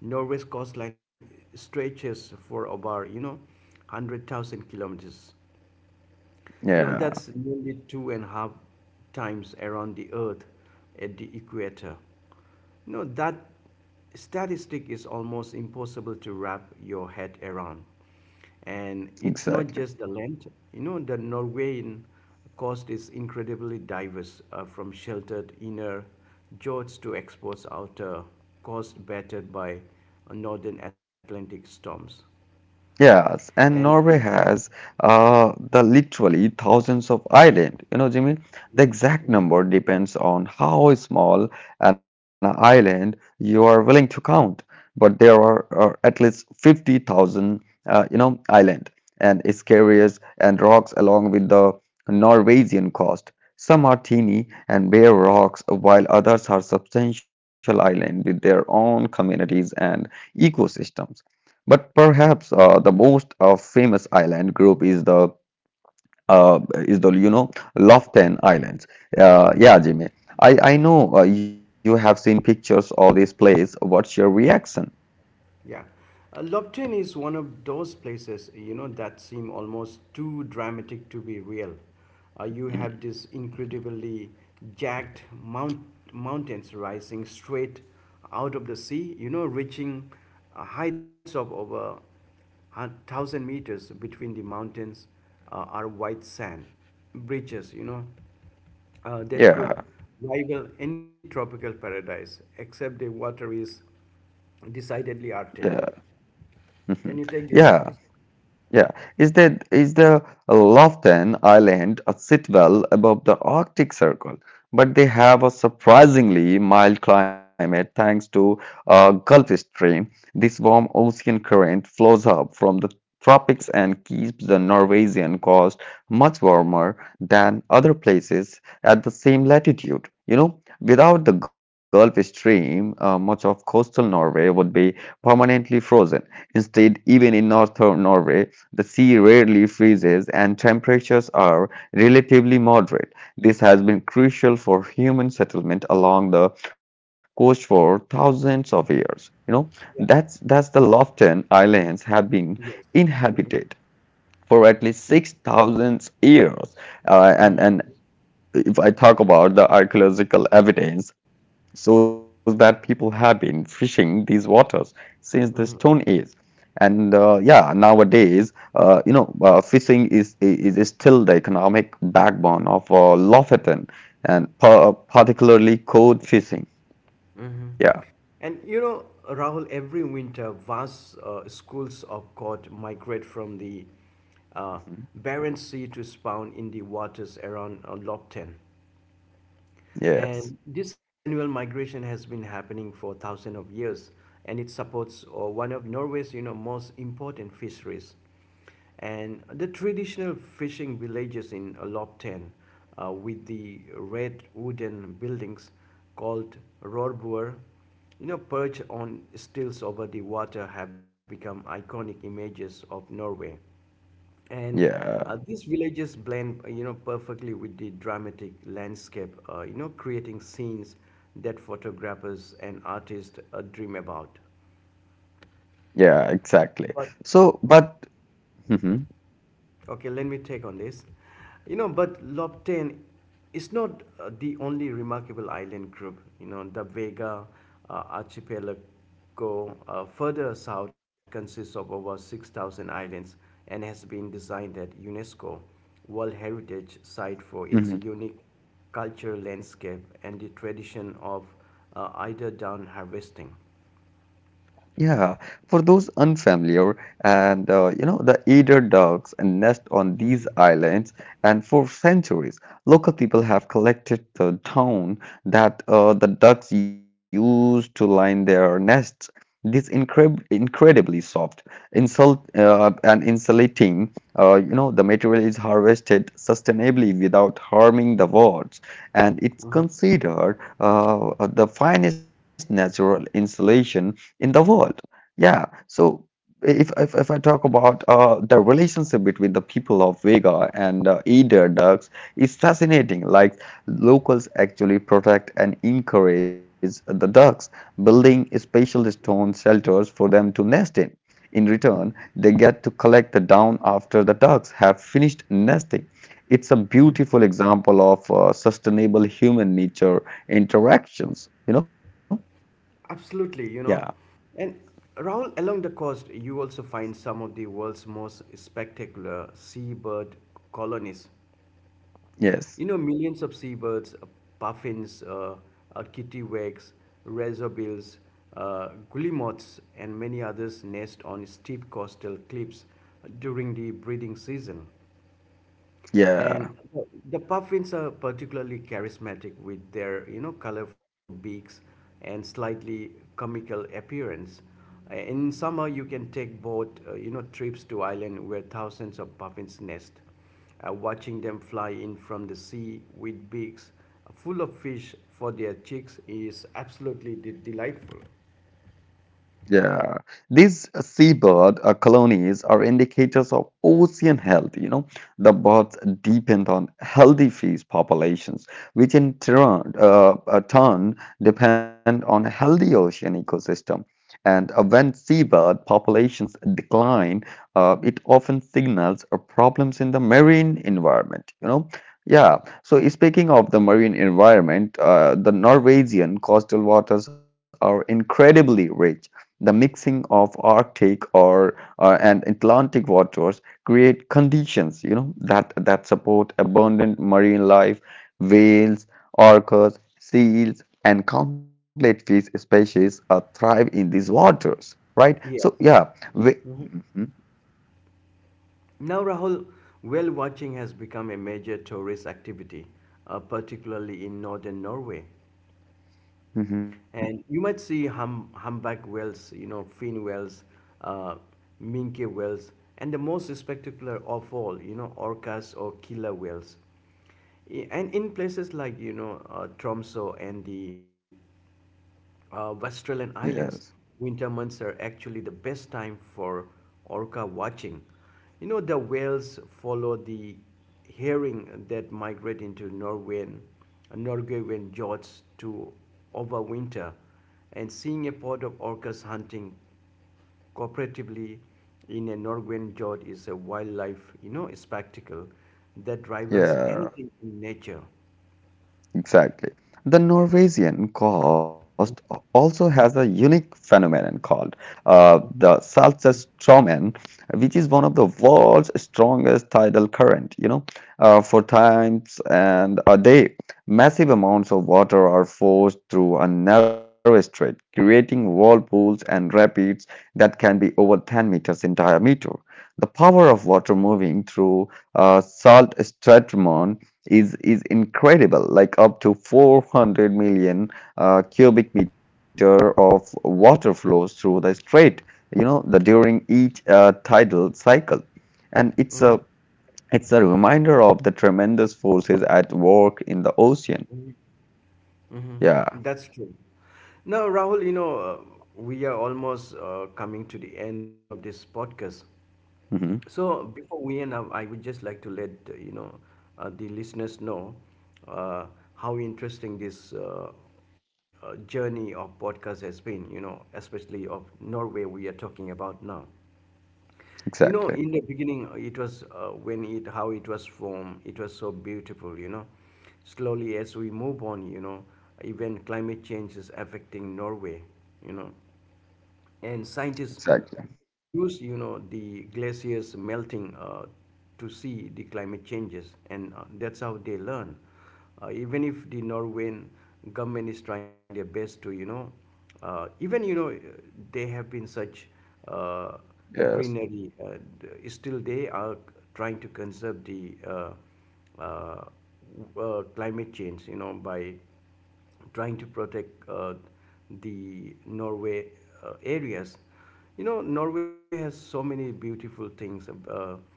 Speaker 1: Norway's coastline stretches for about, you know, one hundred thousand kilometers. You know,
Speaker 2: Yeah.
Speaker 1: that's nearly two and a half times around the Earth at the equator. You know, that statistic is almost impossible to wrap your head around. And it's not
Speaker 2: Exactly.
Speaker 1: just the land. You know, the Norwegian coast is incredibly diverse, uh, from sheltered inner George to exports outer coast battered by uh, northern Atlantic storms.
Speaker 2: Yes, and Norway has uh, the literally thousands of island. You know, Jimmy, the exact number depends on how small an island you are willing to count. But there are, uh, at least fifty thousand, uh, you know, island and skerries and rocks along with the Norwegian coast. Some are teeny and bare rocks, while others are substantial island with their own communities and ecosystems. But perhaps uh, the most uh, famous island group is the uh, is the you know Loften Islands. Uh, yeah, Jimmy. I I know uh, you have seen pictures of this place. What's your reaction?
Speaker 1: Yeah. Uh, Lobten is one of those places, you know, that seem almost too dramatic to be real. Uh, you have
Speaker 2: Mhm.
Speaker 1: this incredibly jagged mount- mountains rising straight out of the sea, you know, reaching uh, heights of over a thousand meters between the mountains uh, are white sand bridges, you know, uh, that could
Speaker 2: Yeah,
Speaker 1: rival any tropical paradise, except the water is decidedly
Speaker 2: yeah,
Speaker 1: Arctic.
Speaker 2: mhm,
Speaker 1: Can you take the night?
Speaker 2: yeah. Yeah, is the is the Loften Island a sitwell above the Arctic Circle, but they have a surprisingly mild climate thanks to a Gulf Stream. This warm ocean current flows up from the tropics and keeps the Norwegian coast much warmer than other places at the same latitude. You know, without the Gulf Stream, uh, much of coastal Norway would be permanently frozen. Instead, even in northern Norway, the sea rarely freezes and temperatures are relatively moderate. This has been crucial for human settlement along the coast for thousands of years. You know, that's
Speaker 1: Yeah.
Speaker 2: that's the Lofton Islands have been
Speaker 1: Yes.
Speaker 2: inhabited for at least six thousand years. Uh, and
Speaker 1: Hmm.
Speaker 2: and if I talk about the archaeological evidence, shows that people have been fishing these waters since the Stone
Speaker 1: Hmm.
Speaker 2: Age. And uh, yeah, nowadays, uh, you know, uh, fishing is, is is still the economic backbone of uh, Lofoten, and par particularly cod fishing. Yeah.
Speaker 1: And you know, Rahul, every winter, vast uh, schools of cod migrate from the uh,
Speaker 2: Mhm.
Speaker 1: Barents Sea to spawn in the waters around uh, Lopton. And
Speaker 2: Yes.
Speaker 1: this annual migration has been happening for thousands of years, and it supports uh, one of Norway's you know most important fisheries. And the traditional fishing villages in Lopten, uh, with the red wooden buildings called Rorbuer, you know, perched on stilts over the water, have become iconic images of Norway and uh,
Speaker 2: Yeah.
Speaker 1: These villages blend uh, you know perfectly with the dramatic landscape, uh, you know creating scenes that photographers and artists uh, dream about
Speaker 2: Yeah. Exactly.
Speaker 1: but
Speaker 2: So, but. Mhm.
Speaker 1: Okay, let me take on this. You know, but Lobten is not uh, the only remarkable island group. You know, the Vega uh, archipelago uh, further south consists of over six thousand islands and has been designed at UNESCO World Heritage Site for its unique cultural landscape and the tradition of uh, eider down harvesting.
Speaker 2: Yeah, for those unfamiliar, and uh, you know, the eider ducks nest on these islands, and for centuries, local people have collected the down that uh, the ducks use to line their nests. This incre incredibly soft, insult uh, and insulating, uh, you know, the material is harvested sustainably without harming the wards, and it's considered uh, the finest natural insulation in the world. Yeah, so if if, if I talk about uh, the relationship between the people of Vega and uh, eider ducks, it's fascinating. Like locals actually protect and encourage the ducks, building special stone shelters for them to nest in. In return, they get to collect the down after the ducks have finished nesting. It's a
Speaker 1: Mm-hmm.
Speaker 2: beautiful example of uh, sustainable human nature interactions, you know?
Speaker 1: Absolutely, you
Speaker 2: Yeah,
Speaker 1: know. And Rahul, along the coast, you also find some of the world's most spectacular seabird colonies.
Speaker 2: yes,
Speaker 1: You know, millions of seabirds, uh, puffins, uh, uh, kittiwakes, razorbills, uh, guillemots, and many others nest on steep coastal cliffs during the breeding season.
Speaker 2: yeah.
Speaker 1: And the puffins are particularly charismatic with their, you know, colorful beaks and slightly comical appearance. Uh, In summer, you can take boat, uh, you know, trips to island where thousands of puffins nest. Uh, watching them fly in from the sea with beaks full of fish for their chicks is absolutely de- delightful.
Speaker 2: Yeah, these seabird uh, colonies are indicators of ocean health. You know, the birds depend on healthy fish populations, which in turn, uh, uh, turn depend on a healthy ocean ecosystem. And uh, when seabird populations decline, uh, it often signals uh, problems in the marine environment. You know, yeah. So speaking of the marine environment, uh, the Norwegian coastal waters are incredibly rich, the mixing of Arctic or uh, and Atlantic waters create conditions, you know, that that support abundant marine life. Whales, orcas, seals, and countless fish species uh, thrive in these waters, right? So
Speaker 1: Yes.
Speaker 2: yeah, we, mhm,
Speaker 1: Now, Rahul, whale watching has become a major tourist activity, uh, particularly in northern Norway.
Speaker 2: mhm,
Speaker 1: And you might see hum, humpback whales, you know, fin whales, uh, minke whales, and the most spectacular of all, you know, orcas or killer whales. I- And in places like, you know, uh, Tromso and the uh, Australian islands,
Speaker 2: yes,
Speaker 1: winter months are actually the best time for orca watching. You know, the whales follow the herring that migrate into Norwegian, Norwegian fjords to overwinter, and seeing a pod of orcas hunting cooperatively in a Norwegian fjord is a wildlife, you know, spectacle that rivals
Speaker 2: yeah.
Speaker 1: anything in nature.
Speaker 2: Exactly. The Norwegian coast also has a unique phenomenon called uh, the Saltstraumen, which is one of the world's strongest tidal current. You know, uh, for times and a day, massive amounts of water are forced through a narrow strait, creating whirlpools and rapids that can be over ten meters in diameter. The power of water moving through uh, salt is is incredible, like up to four hundred million uh, cubic meter of water flows through the strait, you know, the during each uh, tidal cycle, and it's a
Speaker 1: Hmm.
Speaker 2: it's a reminder of the tremendous forces at work in the ocean.
Speaker 1: Hmm.
Speaker 2: Yeah.
Speaker 1: That's true. Now, Rahul, you know, uh, we are almost uh, coming to the end of this podcast.
Speaker 2: Hmm.
Speaker 1: So before we end up, I would just like to let uh, you know uh, the listeners know uh, how interesting this uh, uh, journey of podcast has been. You know, especially of Norway we are talking about now. You
Speaker 2: Exactly.
Speaker 1: know, in the beginning, uh, it was uh, when it how it was formed. It was so beautiful. You know, slowly as we move on, you know, even climate change is affecting Norway. You know, and scientists
Speaker 2: Exactly.
Speaker 1: use you know the glaciers melting uh, to see the climate changes, and uh, that's how they learn uh, even if the norwegian government is trying their best to you know uh, even you know they have been such uh,
Speaker 2: Yes.
Speaker 1: greenery, uh, d- still they are trying to conserve the uh, uh, w- uh, climate change, you know, by trying to protect uh, the Norway uh, areas. You know, Norway has so many beautiful things. Uh,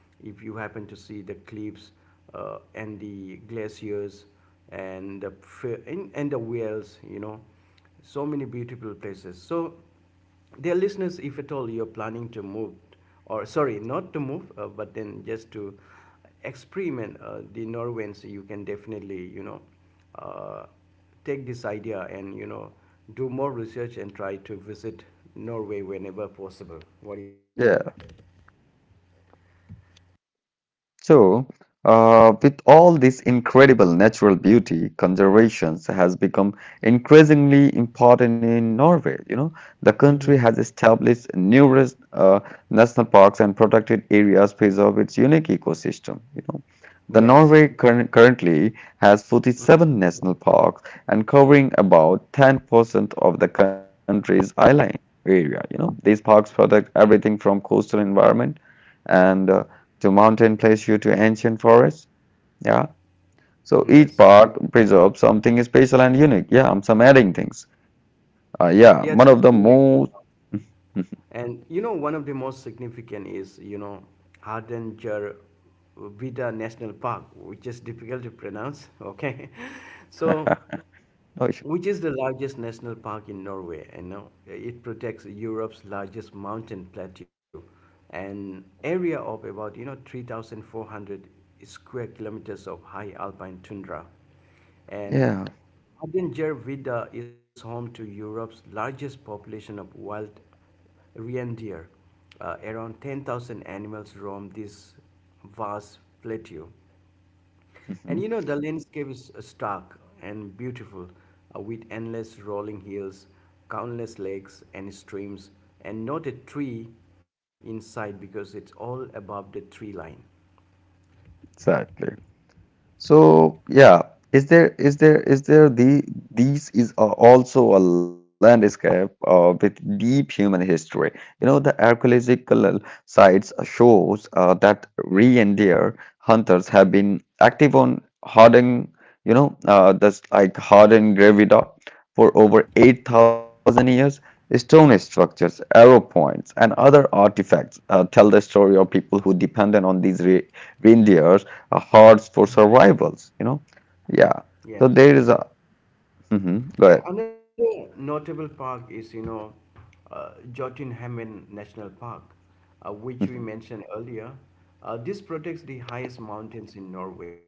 Speaker 1: If you happen to see the cliffs uh, and the glaciers and the f- and, and the whales, you know, so many beautiful places. So dear listeners, if at all you're planning to move, or sorry, not to move, uh, but then just to experiment uh, the Norwegians, you can definitely, you know, uh, take this idea and, you know, do more research and try to visit Norway whenever possible. What do you say?
Speaker 2: Yeah. So, uh, with all this incredible natural beauty, conservations has become increasingly important in Norway. You know, the country has established numerous uh, national parks and protected areas because of its unique ecosystem. You know, the
Speaker 1: Yes.
Speaker 2: Norway curr currently has
Speaker 1: Mm.
Speaker 2: forty-seven national parks and covering about ten percent of the country's island area. You know, these parks protect everything from coastal environment and uh, to mountain place you to ancient forest. Yeah. So each
Speaker 1: Yes.
Speaker 2: part preserves something special and unique. Yeah, I'm some adding things. Uh, yeah, one of
Speaker 1: Yes,
Speaker 2: the
Speaker 1: it's really.
Speaker 2: most.
Speaker 1: And you know, one of the most significant is, you know, Hardanger Vida National Park, which is difficult to pronounce. <laughs> Okay. So
Speaker 2: <laughs> Oh,
Speaker 1: which is the largest national park in Norway. You know, it protects Europe's largest mountain plateau, an area of about you know three thousand four hundred square kilometers of high alpine tundra, and
Speaker 2: yeah.
Speaker 1: Hardanger is home to Europe's largest population of wild reindeer. Uh, around ten thousand animals roam this vast plateau. And
Speaker 2: Mhm.
Speaker 1: you know, the landscape is uh, stark and beautiful, uh, with endless rolling hills, countless lakes and streams, and not a tree in sight because it's all above the tree line.
Speaker 2: Exactly. So yeah, is there is there is there the these is a- also a landscape uh, with deep human history. You know, the archaeological sites shows uh, that reindeer hunters have been active on hardened, you know, uh, that's like hardened gravida for over eight thousand years. Stone structures, arrow points, and other artifacts uh, tell the story of people who depended on these re reindeer a hordes for survivals, you know? Yeah. So
Speaker 1: Yes.
Speaker 2: there is a. Hmm. Go
Speaker 1: Yeah,
Speaker 2: ahead.
Speaker 1: another notable park is, you know, uh, Jotunheimen National Park, uh, which we
Speaker 2: Hmm.
Speaker 1: mentioned earlier. Uh, this protects the highest mountains in Norway,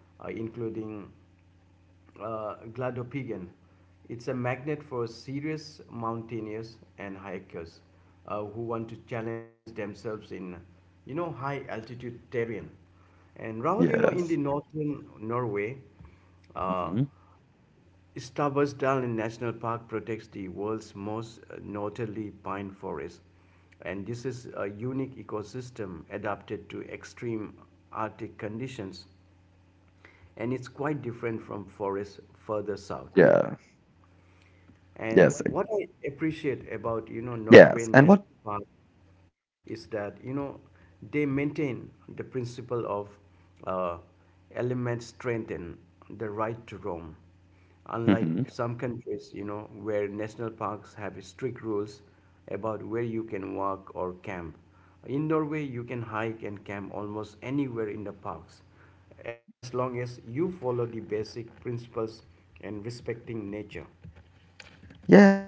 Speaker 1: uh, including uh, Gladopigen. It's a magnet for serious mountaineers and hikers uh, who want to challenge themselves in, you know, high altitude terrain. And Rahul, you know, in the northern
Speaker 2: Yes.
Speaker 1: Norway, uh,
Speaker 2: Hmm.
Speaker 1: Stabber's Darling National Park protects the world's most uh, northerly pine forest, and this is a unique ecosystem adapted to extreme Arctic conditions, and it's quite different from forests
Speaker 2: Yeah.
Speaker 1: further south.
Speaker 2: Yes.
Speaker 1: And what I appreciate about you know
Speaker 2: Yes.
Speaker 1: Norwegian
Speaker 2: And what?
Speaker 1: National Park is that you know they maintain the principle of uh, element strength and the right to roam. Unlike some countries, you
Speaker 2: Mm-hmm.
Speaker 1: know, where national parks have strict rules about where you can walk or camp. In Norway, you can hike and camp almost anywhere in the parks as long as you follow the basic principles and respecting nature.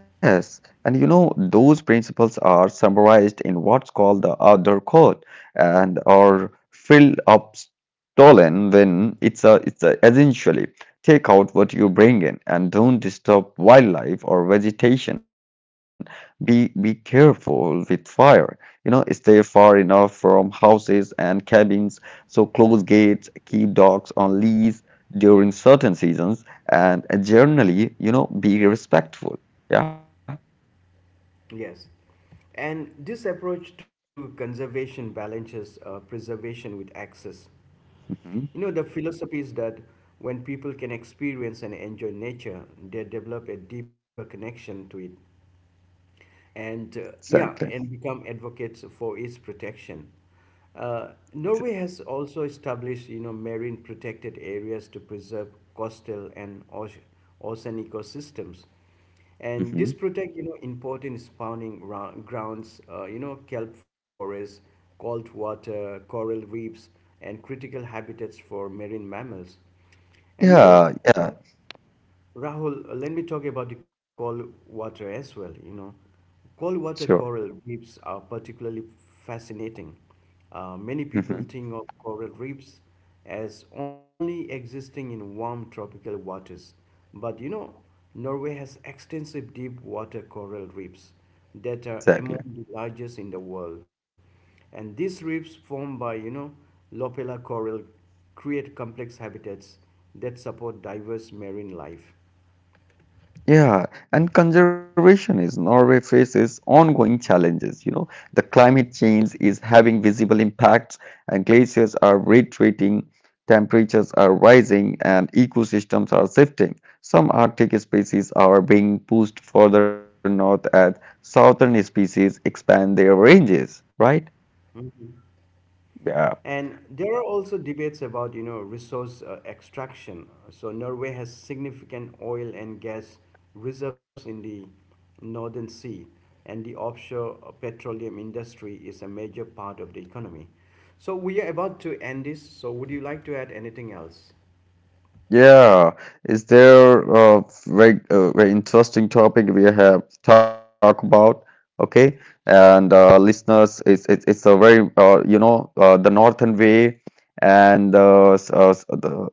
Speaker 2: Yes, and you know, those principles are summarized in what's called the Outdoor Code, and are filled up stolen when it's a, it's a, essentially take out what you bring in and don't disturb wildlife or vegetation. Be be careful with fire. You know, stay far enough from houses and cabins, so close gates, keep dogs on leash during certain seasons, and uh, generally, you know, be respectful. Yeah.
Speaker 1: Yes. And this approach to conservation balances uh, preservation with access. You
Speaker 2: Hmm.
Speaker 1: know, the philosophy is that when people can experience and enjoy nature, they develop a deeper connection to it, and uh,
Speaker 2: Exactly.
Speaker 1: yeah, and become advocates for its protection. Uh, Norway has also established, you know, marine protected areas to preserve coastal and oce- ocean ecosystems, and this
Speaker 2: Hmm.
Speaker 1: protect, you know, important spawning ra- grounds, uh, you know, kelp forests, cold water, coral reefs, and critical habitats for marine mammals. And you know,
Speaker 2: Yeah. Yeah.
Speaker 1: Rahul, uh, let me talk about the cold water as well. You know, cold water
Speaker 2: Sure.
Speaker 1: coral reefs are particularly fascinating. Uh, many
Speaker 2: Hmm.
Speaker 1: people think of coral reefs as only existing in warm tropical waters, but you know, Norway has extensive deep water coral reefs
Speaker 2: Exactly.
Speaker 1: that are among the largest in the world. And these reefs formed by, you know, Lopella coral create complex habitats that support diverse marine life.
Speaker 2: Yeah. And conservation is Norway faces ongoing challenges. You know, the climate
Speaker 1: Mhm.
Speaker 2: change is having visible impacts, and glaciers are retreating, temperatures are rising, and ecosystems are shifting. Some Arctic species are being pushed further north as southern species expand their ranges. Right? Yeah.
Speaker 1: And there are also debates about, you know, resource uh, extraction. So Norway has significant oil and gas reserves in the Northern Sea, and the offshore uh, petroleum industry is a major part of the economy. So we are about to end this. So would you like to add anything else?
Speaker 2: Yeah, is there a very, uh, very interesting topic we have talked about? Okay, and uh, listeners, it's, it's it's a very uh, you know uh, the northern way, and uh, s- uh, s- the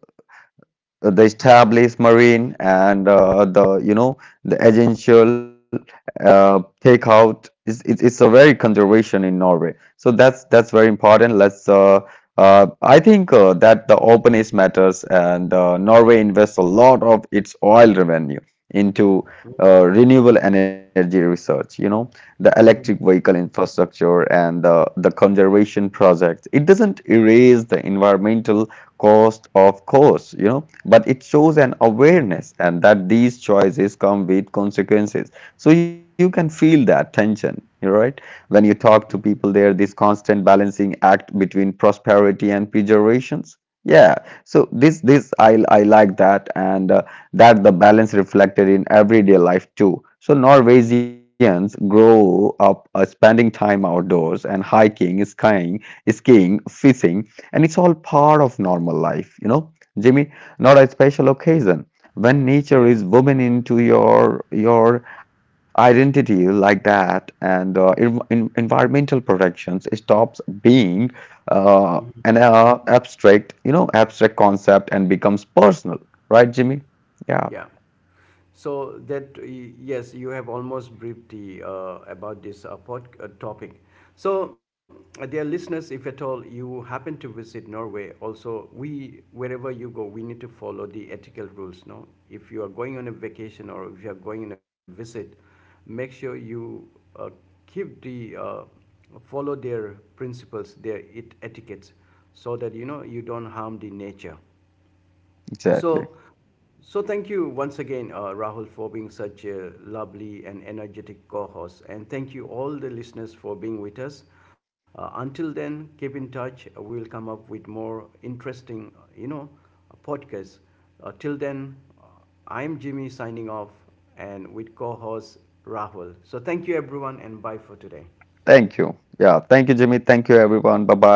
Speaker 2: uh, the established marine and uh, the you know the agential uh, takeout is, it's, it's a very conservation in Norway. So that's that's very important. Let's uh, uh, I think uh, that the openness matters, and uh, Norway invests a lot of its oil revenue into uh, renewable energy research. You know, the electric
Speaker 1: Mhm.
Speaker 2: vehicle infrastructure and the the conservation project. It doesn't erase the environmental cost, of course, you know, but it shows an awareness and that these choices come with consequences. So you can feel that tension, you know, right, when you talk to
Speaker 1: Mhm.
Speaker 2: people there, this constant balancing act between prosperity and pejorations. Yeah, so this this i i like that, and uh, that the balance reflected in everyday life too. So norwegians grow up uh, spending time outdoors and hiking skiing skiing fishing, and it's all part of normal life, you know, Jimmy, not a special occasion. When nature
Speaker 1: Yes.
Speaker 2: is woven into your your identity like that, and uh, en- en- environmental protections stops being uh, an uh, abstract, you know abstract concept, and becomes personal, right, Jimmy? Yeah.
Speaker 1: Yeah. So that y- yes, you have almost briefed the uh, about this uh, pod, uh, topic. So, uh, dear listeners, if at all you happen to visit Norway, also we wherever you go, we need to follow the ethical rules. No, if you are going on a vacation or if you are going on a visit, make sure you uh, keep the uh, follow their principles, their it etiquettes, so that you know you don't harm the nature.
Speaker 2: Exactly.
Speaker 1: So, so thank you once again, uh, Rahul, for being such a lovely and energetic co-host, and thank you all the listeners for being with us. Uh, until then, keep in touch. We'll come up with more interesting, you know, podcasts. Uh, till then, uh, I'm Jimmy signing off, and with co-host Rahul. So thank you everyone, and bye for today.
Speaker 2: Thank you. Yeah, thank you, Jimmy, thank you everyone, bye bye.